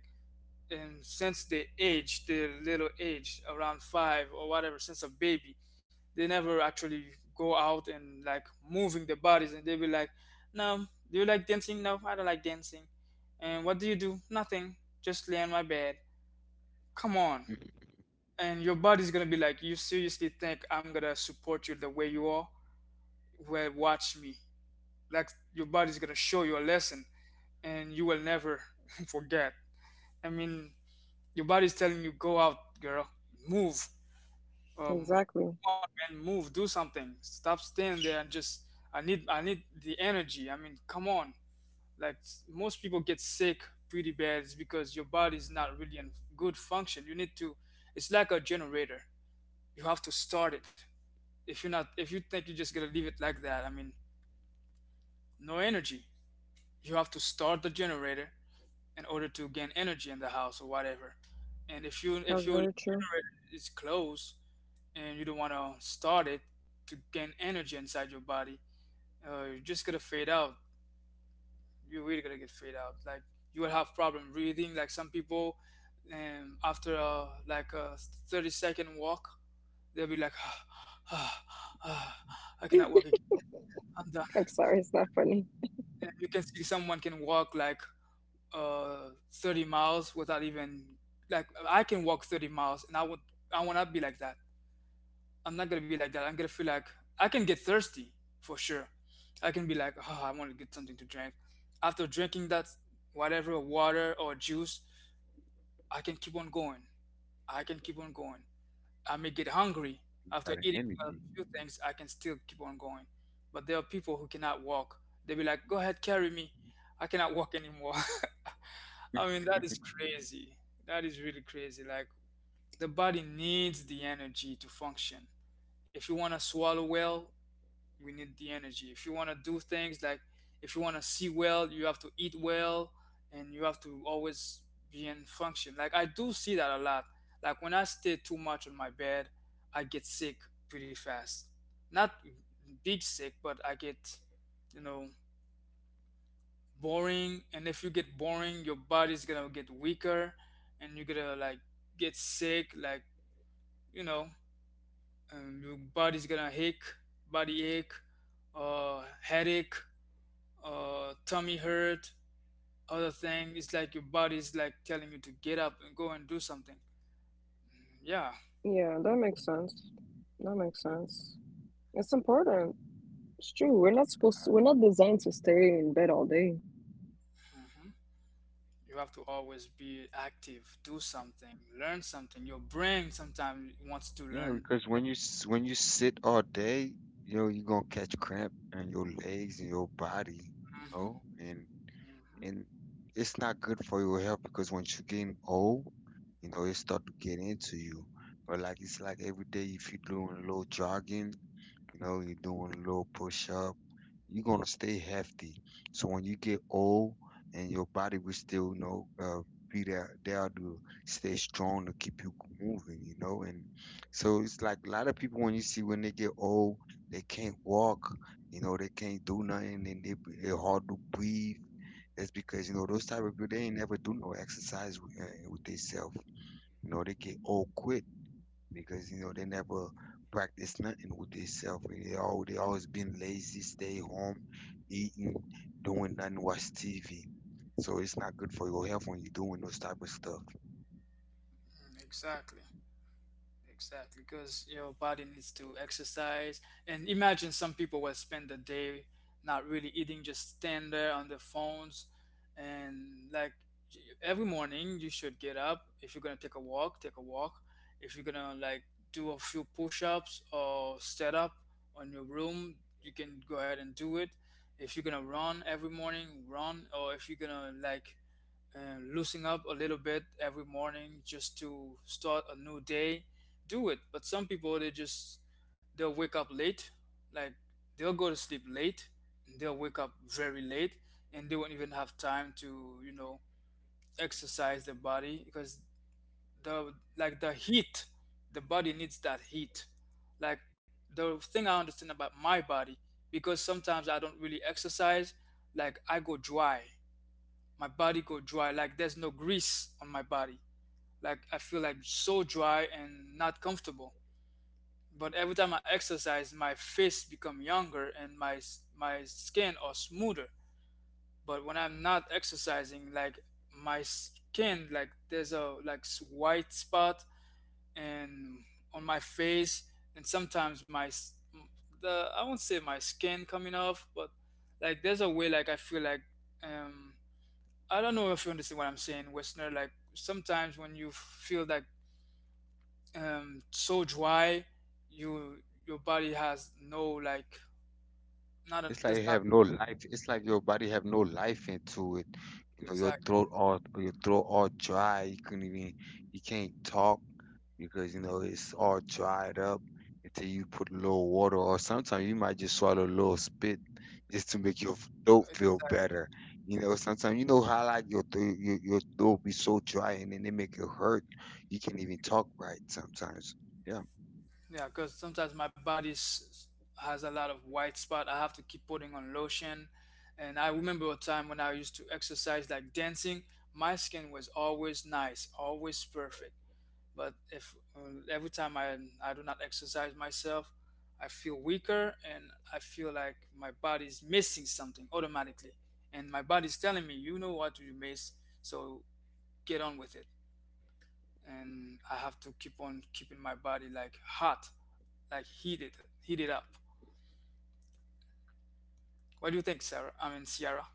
Speaker 1: and since they age their little age around five or whatever since a baby, they never actually go out and like moving their bodies, and they be like no, do you like dancing, no I don't like dancing, and what do you do, nothing, just lay on my bed. Come on,
Speaker 3: Mhm.
Speaker 1: and your body's gonna be like, you seriously think I'm gonna support you the way you are? Well, watch me. Like your body's gonna show you a lesson, and you will never forget. I mean, your body's telling you, go out, girl, move.
Speaker 2: exactly.
Speaker 1: Come on, man, move, do something. Stop staying there and just. I need the energy. I mean, come on. Like most people get sick pretty bad, it's because your body's not really in good function. You need to. It's like a generator. You have to start it. If you're not, if you think you're just gonna leave it like that, I mean, no energy. You have to start the generator in order to gain energy in the house or whatever. And if you, if
Speaker 2: That's
Speaker 1: your
Speaker 2: very true.
Speaker 1: generator is closed, and you don't want to start it to gain energy inside your body. You're just gonna fade out. You're really gonna get fade out. Like you will have problem breathing. Like some people, after a, like a 30-second walk, they'll be like, ah, ah, ah, I cannot walk again. I'm done.
Speaker 2: I'm sorry, it's not funny.
Speaker 1: And you can see someone can walk like 30 miles without even like I can walk 30 miles, and I would, I would not be like that. I'm not gonna be like that. I'm gonna feel like I can get thirsty for sure. I can be like, oh, I want to get something to drink. After drinking that, whatever water or juice, I can keep on going. I can keep on going. I may get hungry
Speaker 3: You got an
Speaker 1: after eating
Speaker 3: energy.
Speaker 1: a few things. I can still keep on going. But there are people who cannot walk. They be like, go ahead, carry me. I cannot walk anymore. I mean, that is crazy. That is really crazy. Like the body needs the energy to function. If you want to swallow well, we need the energy if you want to do things like if you want to see well you have to eat well and you have to always be in function like I do see that a lot like when I stay too much on my bed I get sick pretty fast, not big sick but I get you know boring, and if you get boring your body's gonna get weaker and you're gonna like get sick like you know your body's gonna ache, body ache, headache, tummy hurt, other thing. It's like your body's like telling you to get up and go and do something. Yeah.
Speaker 2: Yeah, that makes sense. That makes sense. It's important. It's true. We're not supposed to, we're not designed to stay in bed all day.
Speaker 1: hmm You have to always be active, do something, learn something. Your brain sometimes wants to
Speaker 3: Yeah,
Speaker 1: learn.
Speaker 3: because when you sit all day, you know, you're gonna catch cramp in your legs and your body, you
Speaker 1: hmm hmm
Speaker 3: know, and it's not good for your health because once you getting old, you know, it start to get into you. But like it's like every day if you're doing a little jogging, you know, you're doing a little push up you're gonna stay hefty. So when you get old and your body will still, you know, be there, there to stay strong to keep you moving, you know. And so it's like a lot of people when you see when they get old, they can't walk, you know, they can't do nothing, and they hard to breathe. That's because you know those type of people they ain't never do no exercise with themselves. You know, they get old quick because you know they never practice nothing with themselves. They all they always been lazy, stay home, eating, doing nothing, watch TV. So it's not good for your health when you're doing those type of stuff.
Speaker 1: Exactly. Exactly, because your body needs to exercise. And imagine some people will spend the day not really eating, just stand there on their phones. And like every morning, you should get up. If you're gonna take a walk, take a walk. If you're gonna like do a few push-ups or set up on your room, you can go ahead and do it. If you're gonna run every morning, run. Or if you're gonna like and loosening up a little bit every morning just to start a new day, do it. But some people they just they'll wake up late, like they'll go to sleep late and they'll wake up very late, and they won't even have time to exercise their body because the like the heat, the body needs that heat. Like the thing I understand about my body, because sometimes I don't really exercise, like I go dry, my body go dry like there's no grease on my body, like I feel like so dry and not comfortable. But every time I exercise my face become younger and my skin are smoother. But when I'm not exercising like my skin like there's a like white spot and on my face. And sometimes my the I won't say my skin coming off but like there's a way like I feel like um I don't know if you understand what I'm saying, Westerner. Like sometimes when you feel like so dry, you your body has no like not a,
Speaker 3: It's
Speaker 1: that's
Speaker 3: like you
Speaker 1: not
Speaker 3: have no life. It's like your body have no life into it. You know,
Speaker 1: exact.
Speaker 3: your throat all dry. You couldn't even you can't talk because you know it's all dried up until you put a little water or sometimes you might just swallow a little spit just to make your throat feel better. You know, sometimes you know how like your throat be so dry and then they make it hurt. You can't even talk right sometimes. Yeah,
Speaker 1: Yeah, because sometimes my has a lot of white spot. I have to keep putting on lotion, and I remember a time when I used to exercise like dancing. My skin was always nice, always perfect. But if every time I do not exercise myself, I feel weaker and I feel like my body is missing something automatically. And my body is telling me, you know what you miss, so get on with it. And I have to keep on keeping my body like hot, like heated, heated up. What do you think, Sarah? I mean, Sierra.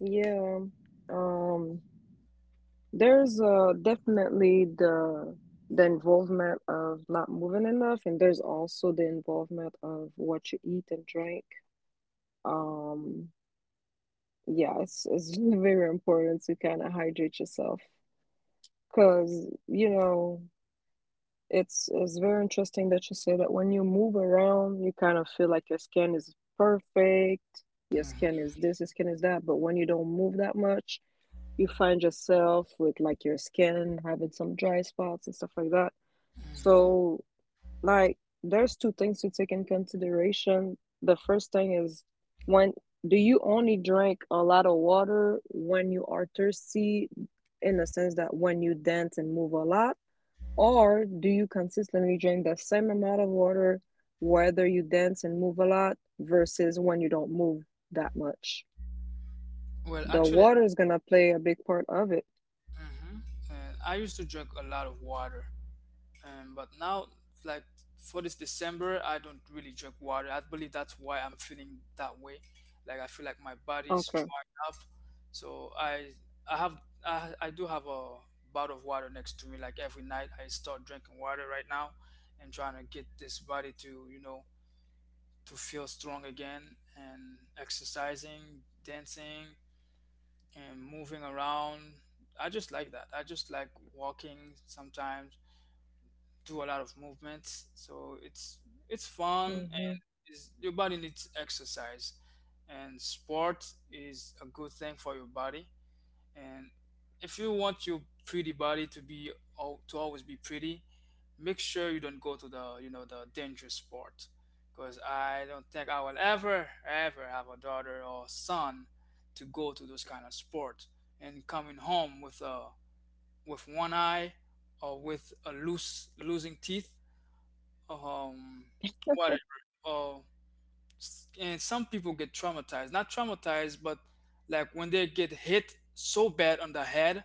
Speaker 2: Yeah. Um, there's definitely the involvement of not moving enough, and there's also the involvement of what you eat and drink. Um, yeah, it's very important to kind of hydrate yourself, because you know. It's very interesting that you say that when you move around, you kind of feel like your skin is perfect, your
Speaker 1: hmm
Speaker 2: skin is this, your skin is that, but when you don't move that much, you find yourself with like your skin having some dry spots and stuff like that.
Speaker 1: hmm
Speaker 2: So, like, there's two things to take in consideration. The first thing is, when do you only drink a lot of water when you are thirsty, in the sense that when you dance and move a lot? Or do you consistently drink the same amount of water, whether you dance and move a lot versus when you don't move that much?
Speaker 1: Well,
Speaker 2: The
Speaker 1: actually,
Speaker 2: water is gonna play a big part of it.
Speaker 1: hmm uh, I used to drink a lot of water. But now, like for this December, I don't really drink water. I believe that's why I'm feeling that way. Like I feel like my body's
Speaker 2: Okay.
Speaker 1: drying up. So I have I do have a bottle of water next to me. Like every night, I start drinking water right now, and trying to get this body to to feel strong again and exercising, dancing, and moving around. I just like that. I just like walking sometimes, do a lot of movements. So it's fun,
Speaker 2: Hmm.
Speaker 1: and is your body needs exercise, and sport is a good thing for your body. And if you want your pretty body to to always be pretty, make sure you don't go to the the dangerous sport, because I don't think I will ever ever have a daughter or son to go to those kind of sport and coming home with a with one eye or with a loose losing teeth, um whatever. Or and some people get traumatized not traumatized but like when they get hit so bad on the head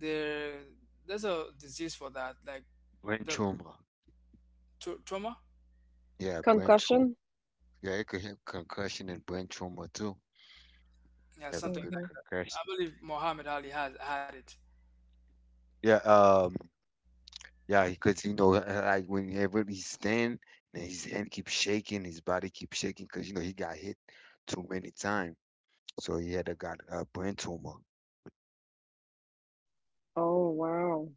Speaker 1: there there's a disease for that, like
Speaker 3: brain
Speaker 1: the
Speaker 3: tumor.
Speaker 1: trauma,
Speaker 3: Yeah, brain tumor.
Speaker 2: Concussion?
Speaker 3: Yeah, it could have concussion and brain trauma too.
Speaker 1: yeah,
Speaker 3: Have a
Speaker 1: something.
Speaker 3: good
Speaker 2: Hmm.
Speaker 1: Like, I
Speaker 3: concussion.
Speaker 1: believe Muhammad Ali has had it,
Speaker 3: Yeah, yeah, because you know, like whenever he stand, and his hand keeps shaking, his body keeps shaking, because you know he got hit too many times, so he had a got a brain tumor.
Speaker 2: Oh wow.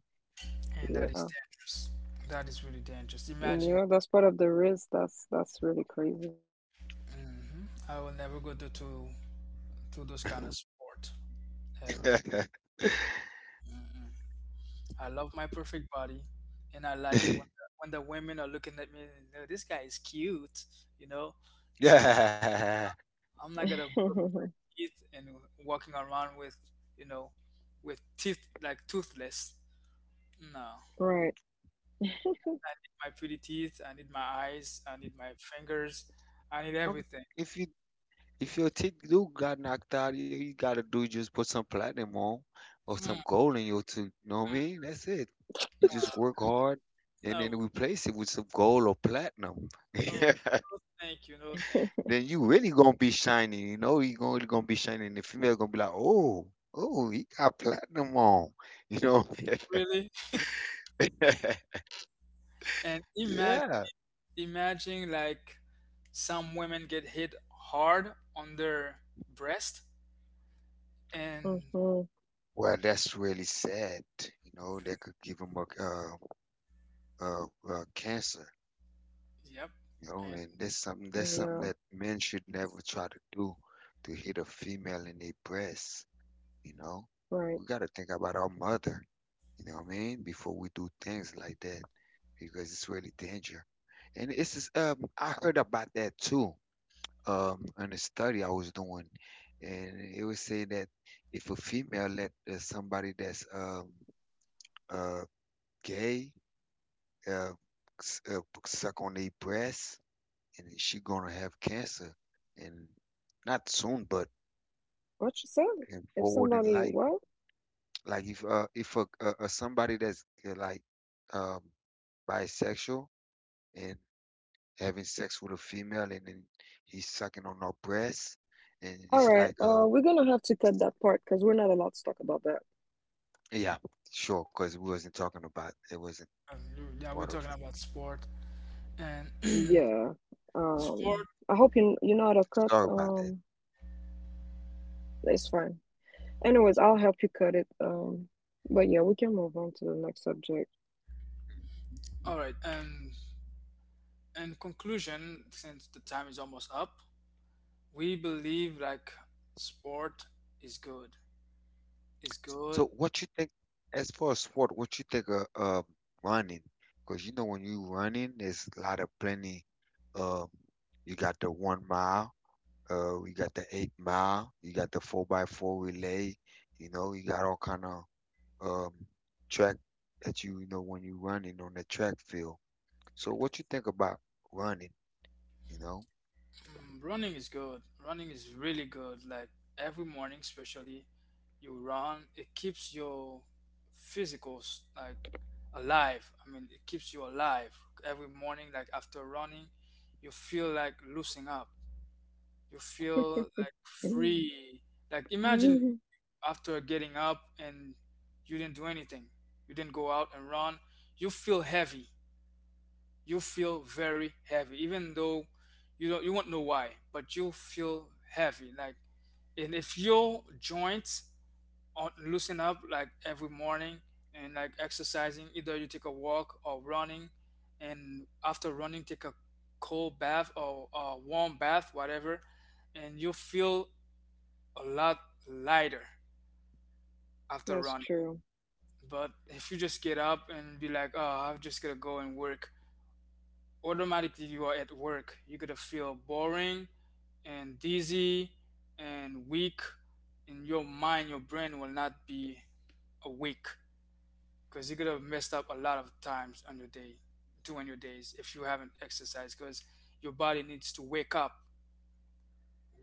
Speaker 1: and that is
Speaker 2: Yeah.
Speaker 1: dangerous, that is really dangerous. Imagine.
Speaker 2: Yeah, that's part of the risk. That's really crazy.
Speaker 1: I will never go to those kind of sport, ever. Mhm. I love my perfect body, and I like it when the women are looking at me. And, "Oh, this guy is cute, you know." So
Speaker 3: Yeah,
Speaker 1: I'm not gonna broke teeth and walking around with, you know, with teeth like toothless. No,
Speaker 2: Right.
Speaker 1: my pretty teeth. I need my eyes. I need my fingers. I need
Speaker 3: I mean,
Speaker 1: everything.
Speaker 3: if you if your teeth do got knocked out, you gotta do just put some platinum on or some
Speaker 1: Mm,
Speaker 3: gold in your tooth. You know what I
Speaker 1: mm,
Speaker 3: mean? That's it. You just work hard and
Speaker 1: no,
Speaker 3: then replace it with some gold or platinum.
Speaker 1: no, thank you, no, thank you.
Speaker 3: Then you really gonna be shining. You know you gonna really gonna be shining. The female gonna be like, oh, oh, he got platinum on. You know.
Speaker 1: Really? And imagine,
Speaker 3: Yeah.
Speaker 1: imagine like some women get hit hard on their breast. And
Speaker 2: Hmm.
Speaker 3: Well, that's really sad. You know, that could give him a cancer.
Speaker 1: yep,
Speaker 3: You know,
Speaker 1: and
Speaker 3: and that's something
Speaker 2: Yeah,
Speaker 3: that men should never try to do to hit a female in their breast. You know,
Speaker 2: right.
Speaker 3: we got to think about our mother. You know what I mean? Before we do things like that, because it's really danger. And it's just, I heard about that too. In a study I was doing, and it was saying that if a female let somebody that's uh gay uh, s- uh suck on their breast, and she gonna have cancer, and not soon, but
Speaker 2: What you said?
Speaker 3: in
Speaker 2: If
Speaker 3: forward in
Speaker 2: somebody,
Speaker 3: life.
Speaker 2: well,
Speaker 3: Like if a, a somebody that's like um bisexual and having sex with a female and then he's sucking on her breast and
Speaker 2: all
Speaker 3: it's
Speaker 2: right.
Speaker 3: like
Speaker 2: We're gonna have to cut that part, because we're not allowed to talk about that.
Speaker 3: yeah sure because we wasn't talking about it, wasn't
Speaker 1: um, yeah, we're
Speaker 3: part of
Speaker 1: talking
Speaker 3: it.
Speaker 1: about sport and
Speaker 2: Yeah.
Speaker 1: sport.
Speaker 2: I hope you you know how to cut.
Speaker 3: Sorry about that.
Speaker 2: It's fine. Anyways, I'll help you cut it. But yeah, we can move on to the next subject.
Speaker 1: All right, and in conclusion, since the time is almost up, we believe like sport is good. Is
Speaker 3: So
Speaker 1: good.
Speaker 3: what you think as far as sport, what you think of running, because you know when you running there's a lot of plenty, um you got the 1 mile, we got the 8 mile, you got the 4x4 relay, you know you got all kind of um track that you know when you running on the track field. So what you think about running, you know?
Speaker 1: Mm, running is good. Running is really good. Like every morning, especially, you run. It keeps your physicals like alive. I mean, it keeps you alive every morning. Like after running, you feel like loosening up, you feel like free, like imagine after getting up and you didn't do anything, you didn't go out and run, you feel heavy, you feel very heavy, even though you won't know why but you feel heavy. Like, and if your joints aren't loosen up like every morning and like exercising, either you take a walk or running, and after running take a cold bath or a warm bath, whatever, and you feel a lot lighter after
Speaker 2: That's
Speaker 1: running.
Speaker 2: true.
Speaker 1: But if you just get up and be like, oh, I'm just gonna go and work, automatically you are at work. You're gonna feel boring and dizzy and weak, and your mind, your brain will not be awake because you're gonna messed up a lot of times on your day, during your days if you haven't exercised because your body needs to wake up.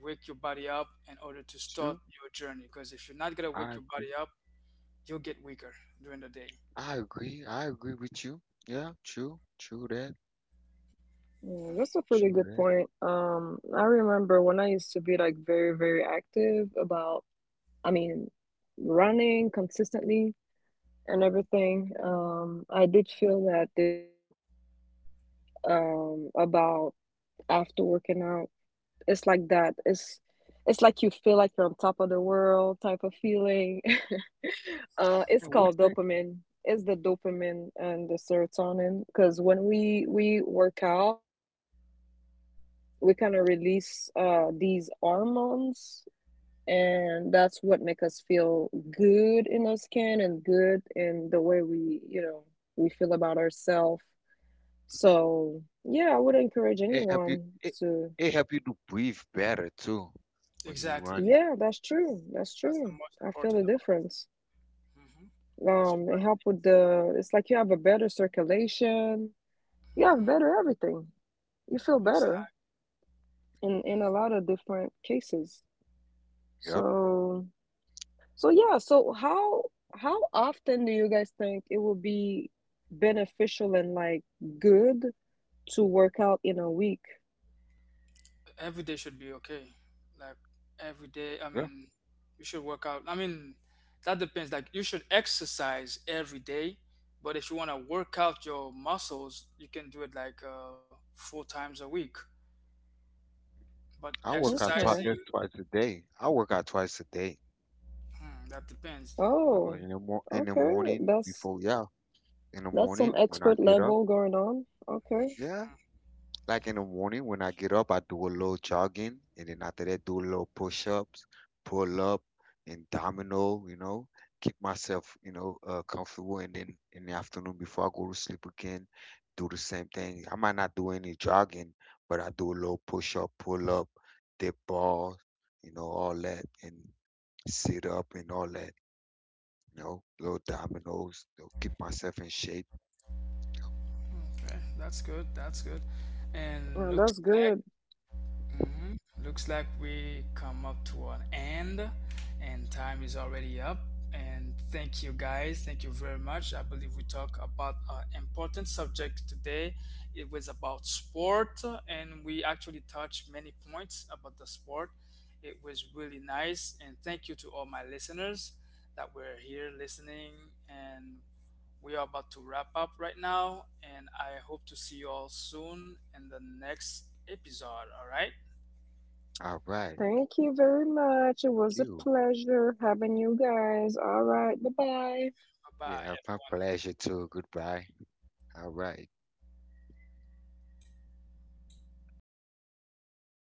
Speaker 1: Wake your body up in order to start
Speaker 3: True.
Speaker 1: your journey because if you're not gonna wake
Speaker 3: I
Speaker 1: your body
Speaker 3: agree.
Speaker 1: up, you'll get weaker during the day.
Speaker 3: I agree. I agree with you. Yeah, true. True that.
Speaker 2: Yeah, that's a pretty
Speaker 3: True
Speaker 2: good
Speaker 3: that.
Speaker 2: point. I remember when I used to be like very, very active about, I mean, running consistently, and everything. I did feel that about after working out. It's like that. It's like you feel like you're on top of the world type of feeling. It's
Speaker 3: And
Speaker 2: called
Speaker 3: what's that?
Speaker 2: dopamine. It's the dopamine and the serotonin, because when we work out, we kind of release these hormones. And that's what make us feel good in our skin and good in the way we, you know, we feel about ourselves. So, yeah, I would encourage
Speaker 3: It help you
Speaker 2: anyone
Speaker 3: it
Speaker 2: to,
Speaker 3: it help you to breathe better too when you
Speaker 1: Exactly.
Speaker 3: running.
Speaker 2: yeah, that's
Speaker 1: That's
Speaker 2: true. That's
Speaker 1: that's the
Speaker 2: true.
Speaker 1: most
Speaker 2: I feel the
Speaker 1: important about it.
Speaker 2: difference.
Speaker 1: Mm-hmm. Because you
Speaker 2: It help with the, it's like you have a better circulation. You have
Speaker 1: hmm
Speaker 2: better everything. You feel better
Speaker 1: exactly,
Speaker 2: in a lot of different cases.
Speaker 3: Yep.
Speaker 2: So, so yeah, so how often do you guys think it will be beneficial and like good to work out in a week?
Speaker 1: every day should be okay. Like every day, I
Speaker 3: Yeah.
Speaker 1: mean, you should work out. I mean, that depends. Like you should exercise every day, but if you want to work out your muscles, you can do it like 4 times a week. But
Speaker 3: I work out twice
Speaker 2: Okay.
Speaker 1: exercising,
Speaker 3: twice a day. I work out twice a day.
Speaker 1: hmm, that depends.
Speaker 3: You know,
Speaker 2: Oh,
Speaker 3: in the
Speaker 2: okay.
Speaker 3: morning
Speaker 2: That's
Speaker 3: before yeah. In the
Speaker 2: That's some
Speaker 3: morning when I
Speaker 2: expert
Speaker 3: get up.
Speaker 2: level going on. Okay.
Speaker 3: Yeah. Like in the morning when I get up, I do a little jogging, and then after that, do a little push-ups, pull up, and domino. You know, keep myself, you know, comfortable. And then in the afternoon before I go to sleep again, do the same thing. I might not do any jogging, but I do a little push-up, pull up, dip balls, you know, all that, and sit up and all that. You know, little dominoes. You know, keep myself in shape.
Speaker 1: Mm-hmm. Okay, that's good. That's good. And
Speaker 2: Well,
Speaker 1: looks
Speaker 2: that's
Speaker 1: like
Speaker 2: good.
Speaker 1: hmm looks like we come up to an end, and time is already up. And thank you guys, thank you very much. I believe we talked about an important subject today. It was about sport, and we actually touched many points about the sport. It was really nice, and thank you to all my listeners that were here listening. And we are about to wrap up right now, and I hope to see you all soon in the next episode. All right.
Speaker 3: All right.
Speaker 2: Thank you very much. It was a
Speaker 3: You.
Speaker 2: pleasure having you guys. All right. Bye bye.
Speaker 1: Bye
Speaker 3: Yeah,
Speaker 1: bye.
Speaker 3: my pleasure too. Goodbye. All right.